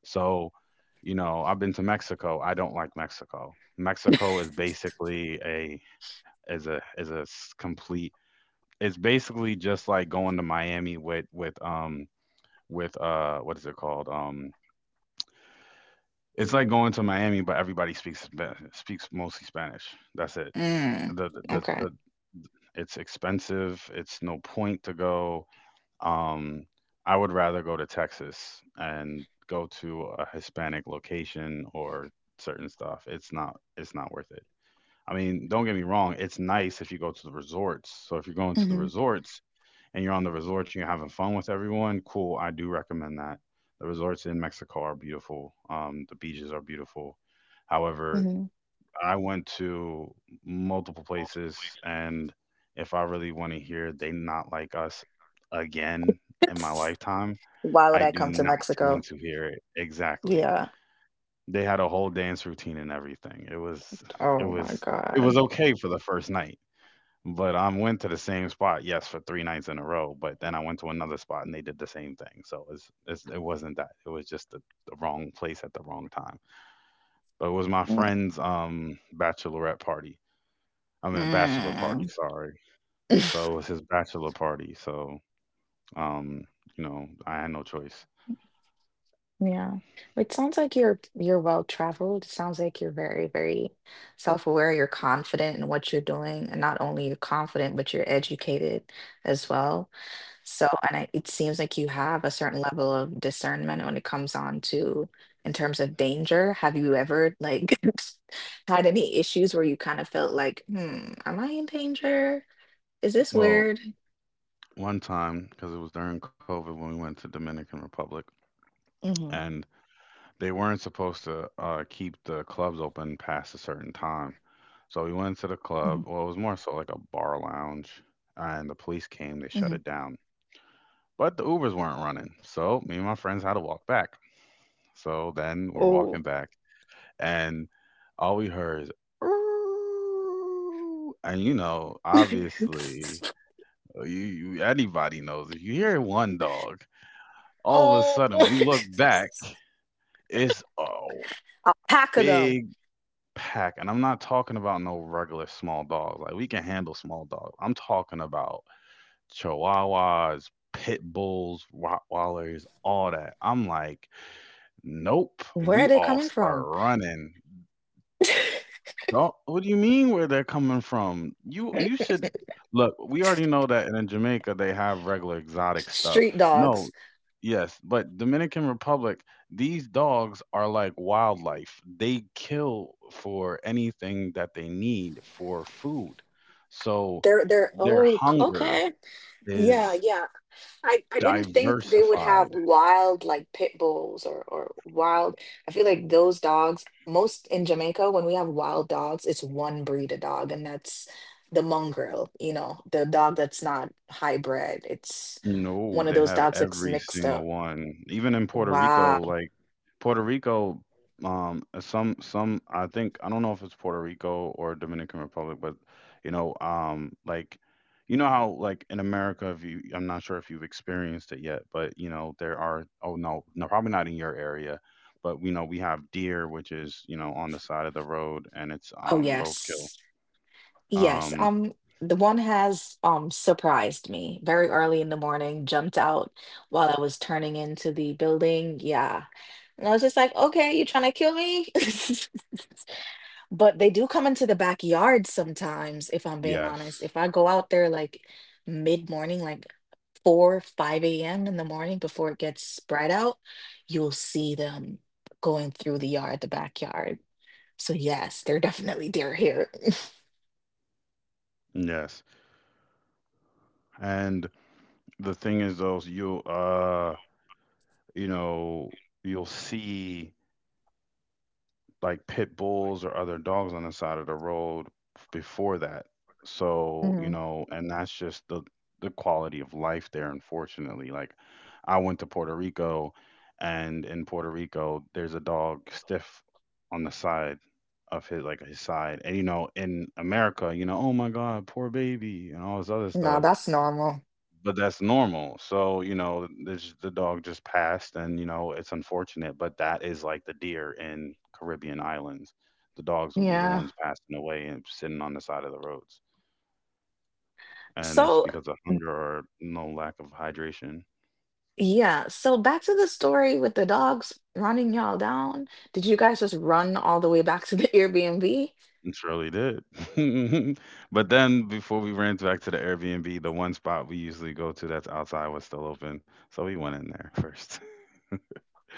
Speaker 1: So, you know, I've been to Mexico. I don't like Mexico. Mexico is basically a is a is a complete. It's basically just like going to Miami with with um with uh what is it called um. It's like going to Miami, but everybody speaks speaks mostly Spanish. That's it.
Speaker 2: mm.
Speaker 1: The the, the,
Speaker 2: Okay.
Speaker 1: the It's expensive. It's no point to go. Um, I would rather go to Texas and go to a Hispanic location or certain stuff. It's not it's not worth it. I mean, don't get me wrong, it's nice if you go to the resorts. So if you're going to the
Speaker 2: hmm
Speaker 1: resorts, and you're on the resort and you're having fun with everyone, cool. I do recommend that. The resorts in Mexico are beautiful. Um, the beaches are beautiful. However,
Speaker 2: hmm
Speaker 1: I went to multiple places, and if I really want to hear they not like us again in my
Speaker 2: It's,
Speaker 1: lifetime,
Speaker 2: why would
Speaker 1: I
Speaker 2: I
Speaker 1: do
Speaker 2: come to
Speaker 1: not
Speaker 2: Mexico?
Speaker 1: want to hear it. Exactly.
Speaker 2: Yeah.
Speaker 1: They had a whole dance routine and everything. It was, it
Speaker 2: Oh my
Speaker 1: was, it
Speaker 2: God.
Speaker 1: was okay for the first night. But I went to the same spot, yes, for three nights in a row. But then I went to another spot and they did the same thing. So it's, it's it wasn't that. It was just the, the wrong place at the wrong time. But it was my friend's um bachelorette party. I mean bachelor party,
Speaker 2: Mm-mm.
Speaker 1: sorry. So it was his bachelor party. So um, you know, I had no choice.
Speaker 2: Yeah. It sounds like you're you're well traveled. It sounds like you're very, very self-aware. You're confident in what you're doing, and not only you're confident, but you're educated as well. So, and I, it seems like you have a certain level of discernment when it comes on to in terms of danger. Have you ever like had any issues where you kind of felt like, hmm, am I in danger? Is this
Speaker 1: Well,
Speaker 2: weird?
Speaker 1: one time because it was during COVID when we went to Dominican Republic,
Speaker 2: hmm
Speaker 1: and they weren't supposed to uh, keep the clubs open past a certain time. So we went to the
Speaker 2: hmm
Speaker 1: club. Well, it was more so like a bar lounge, and the police came. They shut
Speaker 2: hmm
Speaker 1: it down, but the Ubers weren't running. So me and my friends had to walk back. So then we're walking
Speaker 2: Oh.
Speaker 1: back, and all we heard is, "Ooh," and you know, obviously, uh, you, you anybody knows if you hear one dog, all of a
Speaker 2: Oh.
Speaker 1: sudden we look back. It's a
Speaker 2: A pack of them.
Speaker 1: big pack, and I'm not talking about no regular small dogs. Like we can handle small dogs. I'm talking about chihuahuas, pit bulls, rottweilers, all that. I'm like, nope.
Speaker 2: Where are
Speaker 1: We
Speaker 2: they
Speaker 1: all
Speaker 2: coming
Speaker 1: start
Speaker 2: from?
Speaker 1: running. Do what do you mean where they're coming from? You you should look. We already know that in Jamaica they have regular exotic stuff.
Speaker 2: Street
Speaker 1: No,
Speaker 2: dogs.
Speaker 1: yes, but Dominican Republic, these dogs are like wildlife. They kill for anything that they need for food. So
Speaker 2: They're they're
Speaker 1: their
Speaker 2: oh,
Speaker 1: hunger
Speaker 2: okay. Yeah,
Speaker 1: is
Speaker 2: yeah. I, I didn't think they would have
Speaker 1: diversified.
Speaker 2: wild like pit bulls or, or wild. I feel like those dogs, most in Jamaica, when we have wild dogs, it's one breed of dog, and that's the mongrel, you know, the dog that's not hybrid. It's
Speaker 1: No,
Speaker 2: one of
Speaker 1: they
Speaker 2: those
Speaker 1: have
Speaker 2: dogs that's
Speaker 1: every
Speaker 2: mixed
Speaker 1: single
Speaker 2: up.
Speaker 1: one. Even in Puerto
Speaker 2: Wow.
Speaker 1: Rico, like Puerto Rico, um, some some I think I don't know if it's Puerto Rico or Dominican Republic, but you know, um, like you know how like in America, if you I'm not sure if you've experienced it yet, but you know there are oh no no probably not in your area, but we know we have deer, which is you know on the side of the road and it's
Speaker 2: Oh,
Speaker 1: um roadkill.
Speaker 2: yes. Yes,
Speaker 1: Um,
Speaker 2: um, the one has um surprised me very early in the morning, jumped out while I was turning into the building. Yeah. And I was just like, okay, you trying to kill me? But they do come into the backyard sometimes, if I'm being honest.
Speaker 1: yes,
Speaker 2: If I go out there like mid-morning, like four, five a m in the morning before it gets spread out, you'll see them going through the yard, the backyard. So yes, they're definitely they're here.
Speaker 1: yes, and the thing is though is you'll uh you know you'll see like pit bulls or other dogs on the side of the road before that, so you
Speaker 2: Mhm.
Speaker 1: know, and that's just the the quality of life there, unfortunately. Like I went to Puerto Rico, and in Puerto Rico there's a dog stiff on the side of his, like, his side, and you know in America, you know, oh my god, poor baby and all this other
Speaker 2: No,
Speaker 1: stuff.
Speaker 2: that's normal.
Speaker 1: But that's normal. So, you know, this the dog just passed and, you know, it's unfortunate, but that is like the deer in Caribbean islands. The dogs will be the
Speaker 2: Yeah.
Speaker 1: ones passing away and sitting on the side of the roads. And it's
Speaker 2: So,
Speaker 1: because of hunger or no lack of hydration.
Speaker 2: yeah. So back to the story with the dogs running y'all down. Did you guys just run all the way back to the Airbnb?
Speaker 1: It surely did. But then before we ran back to the Airbnb, the one spot we usually go to that's outside was still open. So we went in there first.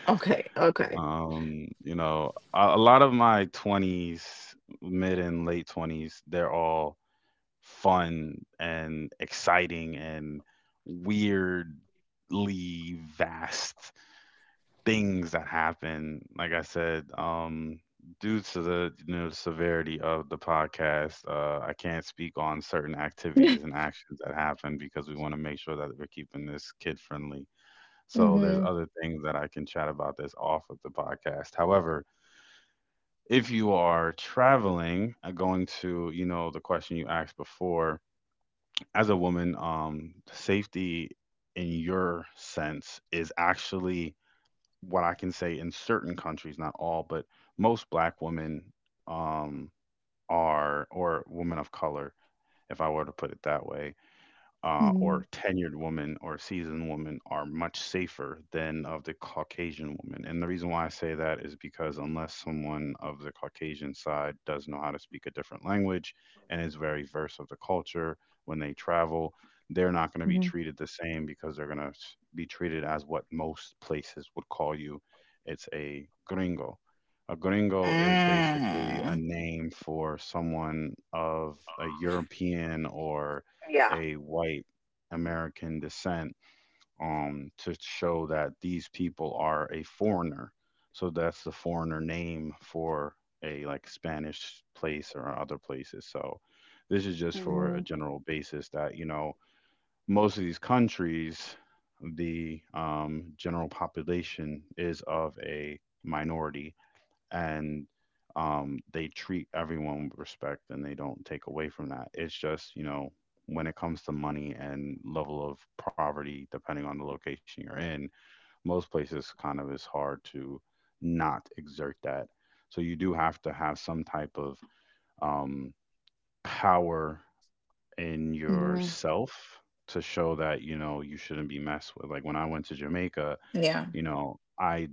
Speaker 2: Okay. Okay.
Speaker 1: Um, you know, a, a lot of my twenties, mid and late twenties, they're all fun and exciting and weirdly vast things that happen. Like I said, um, due to the, you know, the severity of the podcast, uh, I can't speak on certain activities and actions that happen because we want to make sure that we're keeping this kid friendly. So there's
Speaker 2: Mm-hmm.
Speaker 1: other things that I can chat about that's off of the podcast. However, if you are traveling, uh, going to, you know, the question you asked before as a woman, um safety in your sense is actually what I can say. In certain countries, not all, but most black women, um are, or women of color, if I were to put it that way, uh,
Speaker 2: hmm
Speaker 1: or tenured woman or seasoned woman are much safer than of the Caucasian woman. And the reason why I say that is because unless someone of the Caucasian side does know how to speak a different language and is very versed of the culture when they travel, they're not going to be
Speaker 2: hmm
Speaker 1: treated the same because they're going to be treated as what most places would call you. It's a gringo. A gringo is basically a
Speaker 2: Mm.
Speaker 1: name for someone of a European or
Speaker 2: Yeah.
Speaker 1: a white American descent, um, to show that these people are a foreigner. So that's the foreigner name for a like Spanish place or other places. So this is just for a
Speaker 2: hmm
Speaker 1: general basis that, you know, most of these countries, the um, general population is of a minority, and um, they treat everyone with respect and they don't take away from that. It's just, you know, when it comes to money and level of poverty, depending on the location you're in, most places kind of is hard to not exert that. So you do have to have some type of um, power in
Speaker 2: hmm
Speaker 1: yourself to show that, you know, you shouldn't be messed with. Like when I went to Jamaica,
Speaker 2: Yeah.
Speaker 1: you know, I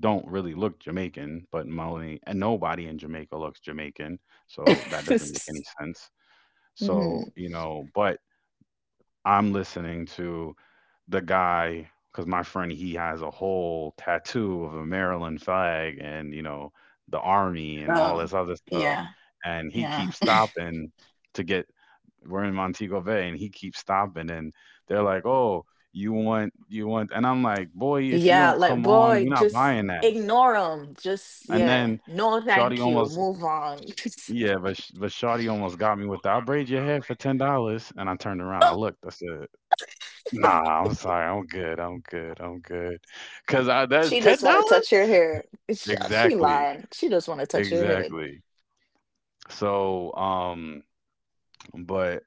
Speaker 1: don't really look Jamaican, but Melanie and nobody in Jamaica looks Jamaican, so that doesn't make any sense. So,
Speaker 2: hmm
Speaker 1: you know, but I'm listening to the guy because my friend he has a whole tattoo of a Maryland flag and you know the army and all
Speaker 2: Oh,
Speaker 1: this other stuff,
Speaker 2: yeah,
Speaker 1: and he
Speaker 2: yeah.
Speaker 1: keeps stopping to get. We're in Montego Bay, and he keeps stopping, and they're like, "Oh, you want you want," and I'm like, "Boy, if you
Speaker 2: Yeah,
Speaker 1: don't
Speaker 2: like
Speaker 1: come on,
Speaker 2: boy,
Speaker 1: we're not
Speaker 2: just
Speaker 1: buying that."
Speaker 2: ignore them. Just
Speaker 1: And
Speaker 2: yeah,
Speaker 1: then
Speaker 2: no,
Speaker 1: Shawty
Speaker 2: thank you.
Speaker 1: almost,
Speaker 2: Move on.
Speaker 1: yeah, but sh- but Shawty almost got me with the I braid your hair for ten dollars, and I turned around, I looked, I said, nah, I'm sorry, I'm good, I'm good, I'm good, cause I that
Speaker 2: She
Speaker 1: ten
Speaker 2: just want to
Speaker 1: dollars,
Speaker 2: touch your hair. Sh- She
Speaker 1: exactly,
Speaker 2: lying. She just want to touch your head.
Speaker 1: exactly. So, um, but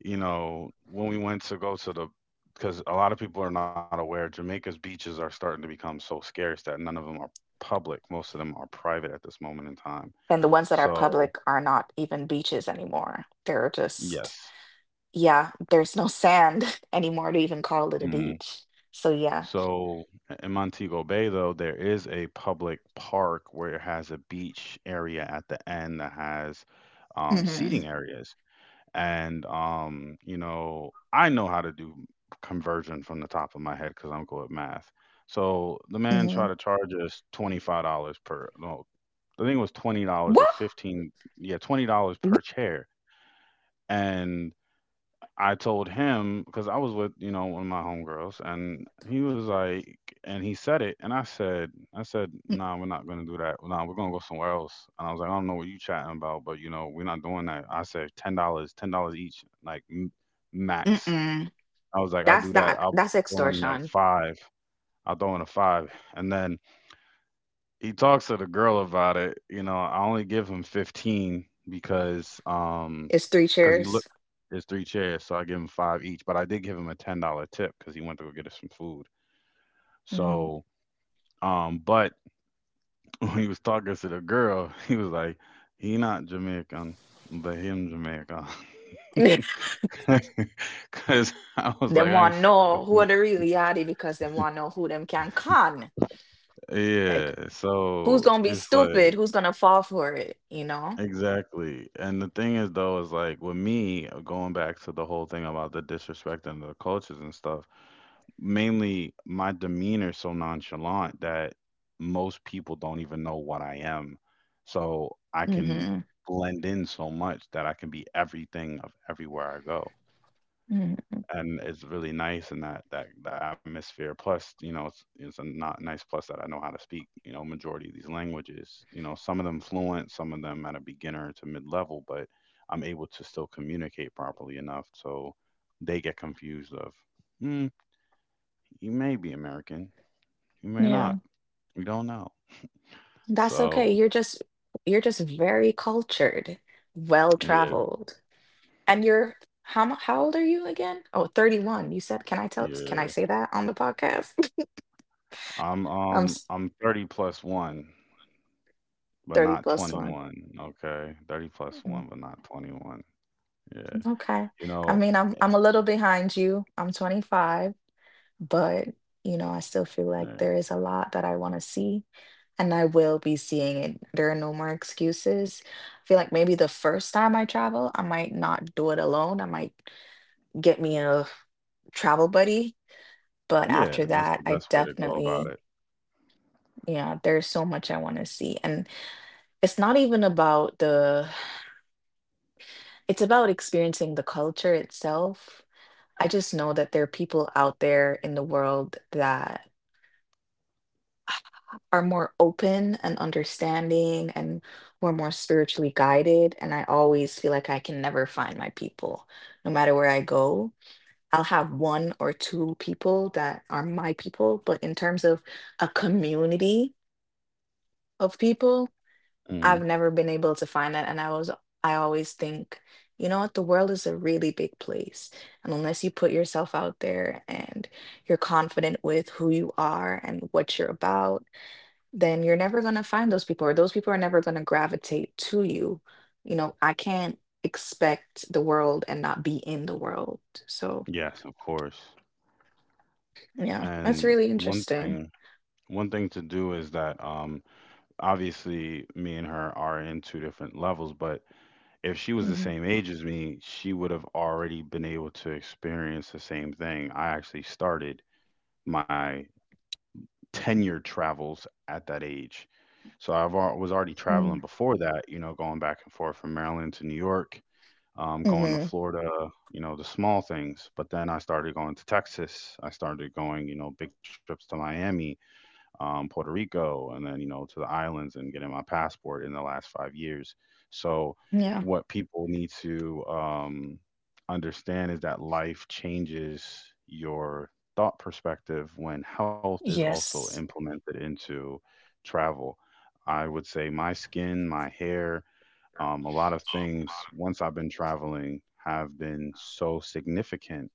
Speaker 1: you know, when we went to go to the, because a lot of people are not aware, Jamaica's beaches are starting to become so scarce that none of them are public. Most of them are private at this moment in time.
Speaker 2: And the ones that are
Speaker 1: So,
Speaker 2: public are not even beaches anymore. They're just,
Speaker 1: yes.
Speaker 2: yeah, there's no sand anymore to even call it a
Speaker 1: Mm-hmm.
Speaker 2: beach. So yeah.
Speaker 1: So in Montego Bay, though, there is a public park where it has a beach area at the end that has um,
Speaker 2: Mm-hmm.
Speaker 1: seating areas. And, um, you know, I know how to do conversion from the top of my head because I'm good at math. So the man
Speaker 2: Mm-hmm.
Speaker 1: tried to charge us twenty-five dollars per, no, I think it was twenty dollars or
Speaker 2: What?
Speaker 1: fifteen, yeah, twenty dollars
Speaker 2: Wha-.
Speaker 1: per chair. And I told him because I was with you know one of my homegirls, and he was like, and he said it, and I said, I said, nah, we're not gonna do that. Nah, we're gonna go somewhere else. And I was like, I don't know what you chatting about, but you know, we're not doing that. I said, ten dollars, ten dollars each, like m- max.
Speaker 2: Mm-mm.
Speaker 1: I was like, I'll
Speaker 2: That's
Speaker 1: do that.
Speaker 2: that.
Speaker 1: I'll
Speaker 2: That's
Speaker 1: throw in a
Speaker 2: extortion.
Speaker 1: five. I'll throw in a five, and then he talks to the girl about it. You know, I only give him fifteen because um
Speaker 2: It's three
Speaker 1: because he look
Speaker 2: chairs.
Speaker 1: there's three chairs, so I give him five each. But I did give him a ten dollar tip because he went to go get us some food.
Speaker 2: Mm-hmm.
Speaker 1: So um, but when he was talking to the girl, he was like, he not Jamaican, but him Jamaican, because I was like,
Speaker 2: Them
Speaker 1: I ain't.
Speaker 2: want
Speaker 1: f-
Speaker 2: know who are the really are because them want know who them can con. Like
Speaker 1: Yeah,
Speaker 2: who's
Speaker 1: so
Speaker 2: gonna be
Speaker 1: it's
Speaker 2: stupid?
Speaker 1: like.
Speaker 2: Who's gonna fall for it? You know.
Speaker 1: Exactly. And the thing is, though, is like with me, uh, going back to the whole thing about the disrespect and the cultures and stuff, mainly my demeanor is so nonchalant that most people don't even know what I am. So I can
Speaker 2: hmm
Speaker 1: blend in so much that I can be everything of everywhere I go,
Speaker 2: Mm,
Speaker 1: and it's really nice in that that that atmosphere. Plus, you know, it's it's a not nice plus that I know how to speak, you know, majority of these languages. You know, some of them fluent, some of them at a beginner to mid level, but I'm able to still communicate properly enough so they get confused of, hmm, you may be American, you may
Speaker 2: yeah,
Speaker 1: not. We don't know.
Speaker 2: that's okay.
Speaker 1: So
Speaker 2: You're just you're just very cultured, well
Speaker 1: yeah,
Speaker 2: traveled. And you're how mu- how old are you again? Oh, thirty one. You said, can I tell can I
Speaker 1: yeah.
Speaker 2: say that on the podcast?
Speaker 1: I'm
Speaker 2: I'm
Speaker 1: um
Speaker 2: s-
Speaker 1: I'm thirty plus one, but
Speaker 2: thirty
Speaker 1: not
Speaker 2: plus one.
Speaker 1: twenty-one. Okay, thirty plus
Speaker 2: Mm.
Speaker 1: one, but not twenty-one. Yeah.
Speaker 2: Okay.
Speaker 1: You
Speaker 2: I
Speaker 1: know.
Speaker 2: mean, I'm I'm a little behind you. I'm twenty-five, but you know, I still feel like
Speaker 1: Right.
Speaker 2: there is a lot that I want to see, and I will be seeing it. There are no more excuses. I feel like maybe the first time I travel, I might not do it alone. I might get me a travel buddy. But
Speaker 1: Yeah,
Speaker 2: after
Speaker 1: that's
Speaker 2: that,
Speaker 1: the
Speaker 2: I
Speaker 1: best way to go about
Speaker 2: definitely,
Speaker 1: it.
Speaker 2: yeah, there's so much I want to see. And it's not even about the, it's about experiencing the culture itself. I just know that there are people out there in the world that are more open and understanding and who are more spiritually guided. And I always feel like I can never find my people no matter where I go. I'll have one or two people that are my people, but in terms of a community of people, I've
Speaker 1: Mhm.
Speaker 2: never been able to find that. And I was, I always think, you know what, the world is a really big place. And unless you put yourself out there and you're confident with who you are and what you're about, then you're never going to find those people, or those people are never going to gravitate to you. You know, I can't expect the world and not be in the world. So,
Speaker 1: Yes, of course.
Speaker 2: yeah, that's
Speaker 1: And
Speaker 2: really
Speaker 1: one
Speaker 2: interesting.
Speaker 1: thing, one thing to do is that um obviously me and her are in two different levels, but if she was the
Speaker 2: Mm-hmm.
Speaker 1: same age as me, she would have already been able to experience the same thing. I actually started my ten-year travels at that age. So I've was already
Speaker 2: hmm
Speaker 1: traveling before that, you know, going back and forth from Maryland to New York, um, going to Florida, you know, the small things. But then I started going to Texas. I started going, you know, big trips to Miami, um, Puerto Rico, and then, you know, to the islands and getting my passport in the last five years. So,
Speaker 2: Yeah.
Speaker 1: what people need to um, understand is that life changes your thought perspective when health is also
Speaker 2: Yes.
Speaker 1: implemented into travel. I would say my skin, my hair, um, a lot of things once I've been traveling have been so significant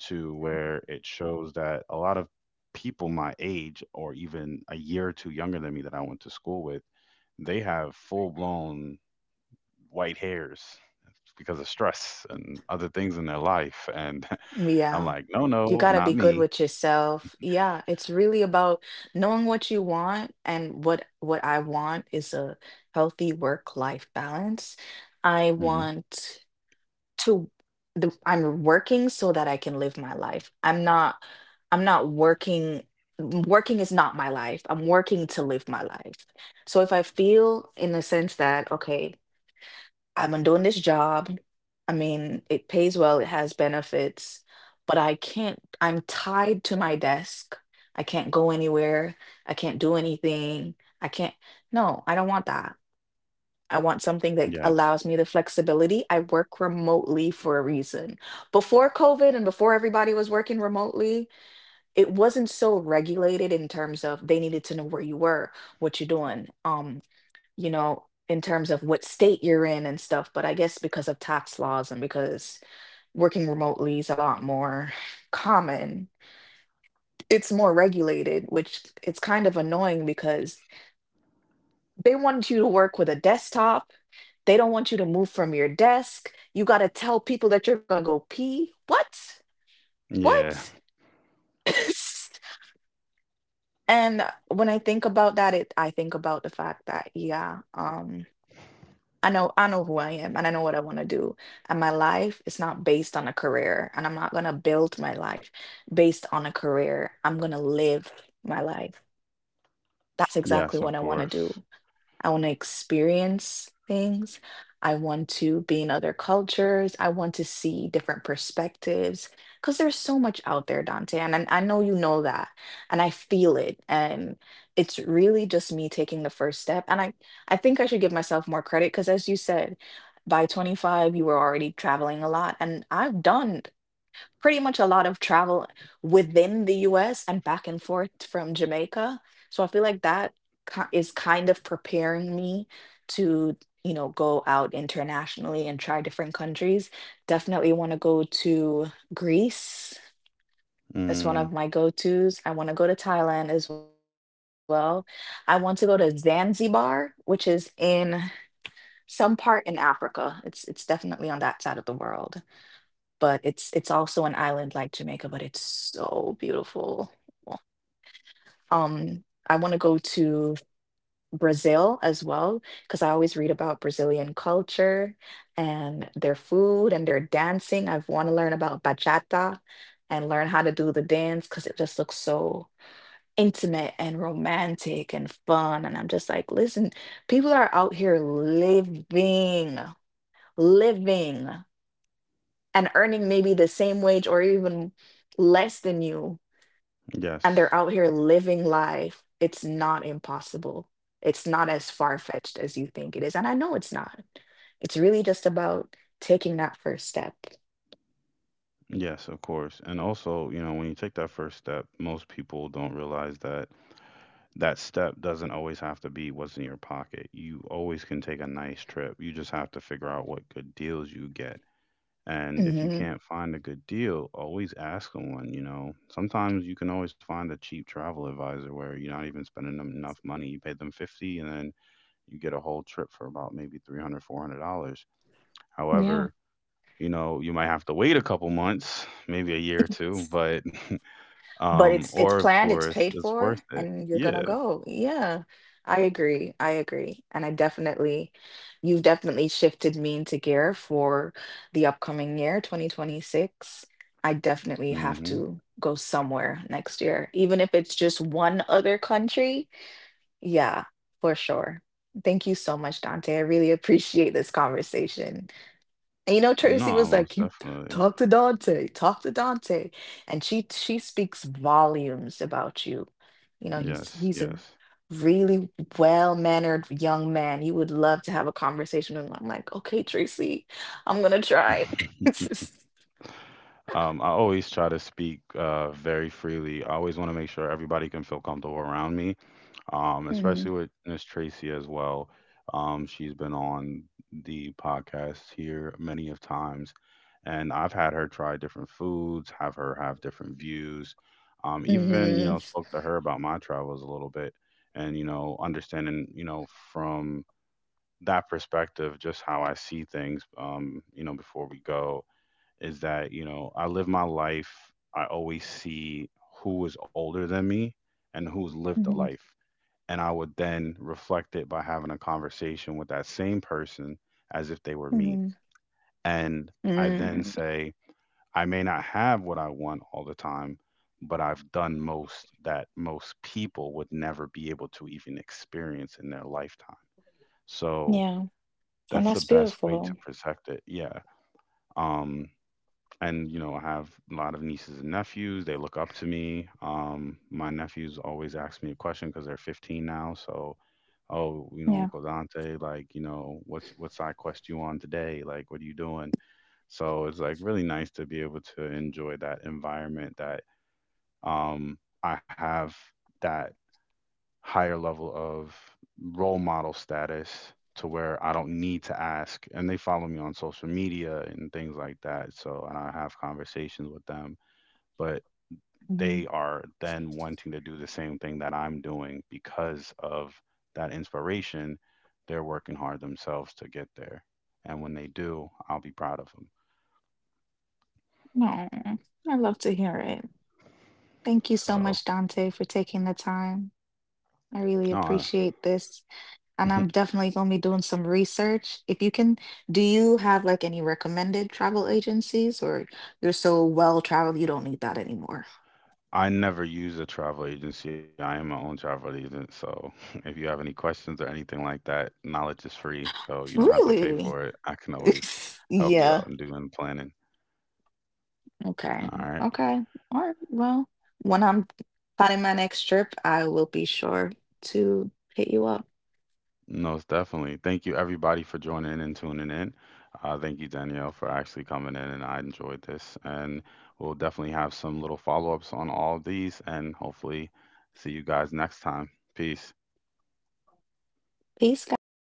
Speaker 1: to where it shows that a lot of people my age or even a year or two younger than me that I went to school with, they have full blown white hairs because of stress and other things in their life. And I'm
Speaker 2: Yeah.
Speaker 1: like, no,
Speaker 2: You
Speaker 1: no,
Speaker 2: got to
Speaker 1: not
Speaker 2: be good
Speaker 1: me.
Speaker 2: with yourself. Yeah, it's really about knowing what you want and what what I want is a healthy work-life balance. I
Speaker 1: Hmm.
Speaker 2: want to the, I'm working so that I can live my life. I'm not I'm not working working is not my life. I'm working to live my life. So if I feel in the sense that okay, I'm on doing this job. I mean, it pays well, it has benefits, but I can't, I'm tied to my desk. I can't go anywhere. I can't do anything. I can't, no, I don't want that. I want something that
Speaker 1: Yes.
Speaker 2: allows me the flexibility. I work remotely for a reason. Before COVID and before everybody was working remotely, it wasn't so regulated in terms of they needed to know where you were, what you're doing, um, you know, in terms of what state you're in and stuff. But I guess because of tax laws and because working remotely is a lot more common, it's more regulated, which it's kind of annoying because they want you to work with a desktop. They don't want you to move from your desk. You got to tell people that you're going to go pee. What?
Speaker 1: Yeah.
Speaker 2: What? And uh, when I think about that, it I think about the fact that yeah, um, I know I know who I am and I know what I want to do. And my life is not based on a career, and I'm not gonna build my life based on a career. I'm gonna live my life. That's exactly
Speaker 1: Yes, of
Speaker 2: what I want to
Speaker 1: course.
Speaker 2: do. I want to experience things. I want to be in other cultures. I want to see different perspectives because there's so much out there, Dante. And I, I know you know that. And I feel it. And it's really just me taking the first step. And I, I think I should give myself more credit because, as you said, by twenty-five, you were already traveling a lot. And I've done pretty much a lot of travel within the U S and back and forth from Jamaica. So I feel like that ki- is kind of preparing me to, you know, go out internationally and try different countries. Definitely want to go to Greece. That's one
Speaker 1: Mm,
Speaker 2: of my go-tos. I want to go to Thailand as well. I want to go to Zanzibar, which is in some part in Africa. It's it's definitely on that side of the world, but it's it's also an island like Jamaica, but it's so beautiful. Um, I want to go to Brazil as well because I always read about Brazilian culture and their food and their dancing. I've want to learn about bachata and learn how to do the dance because it just looks so intimate and romantic and fun. And I'm just like, listen, people are out here living, living, and earning maybe the same wage or even less than you, and they're
Speaker 1: yes.
Speaker 2: out here living life, it's not impossible. It's not as far fetched as you think it is. And I know it's not. It's really just about taking that first step.
Speaker 1: Yes, of course. And also, you know, when you take that first step, most people don't realize that that step doesn't always have to be what's in your pocket. You always can take a nice trip. You just have to figure out what good deals you get. And if you
Speaker 2: hmm
Speaker 1: can't find a good deal, always ask someone, you know. Sometimes you can always find a cheap travel advisor where you're not even spending them enough money. You pay them fifty, and then you get a whole trip for about maybe three hundred, four hundred dollars.
Speaker 2: Yeah.
Speaker 1: However, you know, you might have to wait a couple months, maybe a year or two, but
Speaker 2: But
Speaker 1: um,
Speaker 2: it's it's
Speaker 1: or of
Speaker 2: planned, it's
Speaker 1: course,
Speaker 2: paid
Speaker 1: it's
Speaker 2: for,
Speaker 1: worth it.
Speaker 2: and you're gonna
Speaker 1: Yeah.
Speaker 2: go. Yeah, I agree. I agree, and I definitely, you've definitely shifted me into gear for the upcoming year, twenty twenty-six. I definitely have
Speaker 1: Hmm.
Speaker 2: to go somewhere next year, even if it's just one other country. Yeah, for sure. Thank you so much, Dante. I really appreciate this conversation. And you know, Tracy
Speaker 1: No,
Speaker 2: was like,
Speaker 1: most
Speaker 2: "You
Speaker 1: definitely.
Speaker 2: talk to Dante, talk to Dante," and she she speaks volumes about you. You know, he's
Speaker 1: Yes,
Speaker 2: he's a
Speaker 1: yes.
Speaker 2: really well-mannered young man. You would love to have a conversation with him. I'm like, "Okay, Tracy, I'm gonna try." It's just,
Speaker 1: Um, I always try to speak uh, very freely. I always want to make sure everybody can feel comfortable around me, um,
Speaker 2: mm,
Speaker 1: especially with Miss Tracy as well. Um, she's been on the podcast here many of times, and I've had her try different foods, have her have different views, um, even you know
Speaker 2: mhm,
Speaker 1: spoke to her about my travels a little bit, and you know understanding you know from that perspective just how I see things, um, you know before we go is that you know I live my life. I always see who is older than me and who's lived a
Speaker 2: mhm,
Speaker 1: life, and I would then reflect it by having a conversation with that same person as if they were me.
Speaker 2: mhm,
Speaker 1: And I then
Speaker 2: mm.
Speaker 1: say, I may not have what I want all the time, but I've done most that most people would never be able to even experience in their lifetime. So
Speaker 2: Yeah, and
Speaker 1: that's the
Speaker 2: that's
Speaker 1: best way
Speaker 2: beautiful.
Speaker 1: to protect it. Yeah. Um, and you know I have a lot of nieces and nephews they look up to me um my nephews always ask me a question because they're fifteen now so oh you know
Speaker 2: Yeah.
Speaker 1: uncle dante like you know what what side quest you on today like what are you doing so it's like really nice to be able to enjoy that environment that um I have that higher level of role model status to where I don't need to ask and they follow me on social media and things like that so and I have conversations with them but
Speaker 2: Mhm.
Speaker 1: they are then wanting to do the same thing that I'm doing because of that inspiration. They're working hard themselves to get there. And when they do, I'll be proud of them.
Speaker 2: No, I love to hear it. Thank you so
Speaker 1: So,
Speaker 2: much, Dante, for taking the time. I really
Speaker 1: no, I,
Speaker 2: appreciate this. And I'm definitely going to be doing some research. If you can, do you have like any recommended travel agencies or you're so well traveled you don't need that anymore?
Speaker 1: I never use a travel agency. I am my own travel agent. So, if you have any questions or anything like that, knowledge is free. So, you don't have to pay
Speaker 2: Really?
Speaker 1: for it. I can always help you
Speaker 2: Yeah.
Speaker 1: out and do in doing planning.
Speaker 2: Okay.
Speaker 1: All right.
Speaker 2: Okay. All right. Well, when I'm planning my next trip, I will be sure to hit you up.
Speaker 1: Most definitely. Thank you, everybody, for joining and tuning in. Uh, thank you, Danielle, for actually coming in, and I enjoyed this. And we'll definitely have some little follow ups on all of these, and hopefully, see you guys next time. Peace.
Speaker 2: Peace, guys.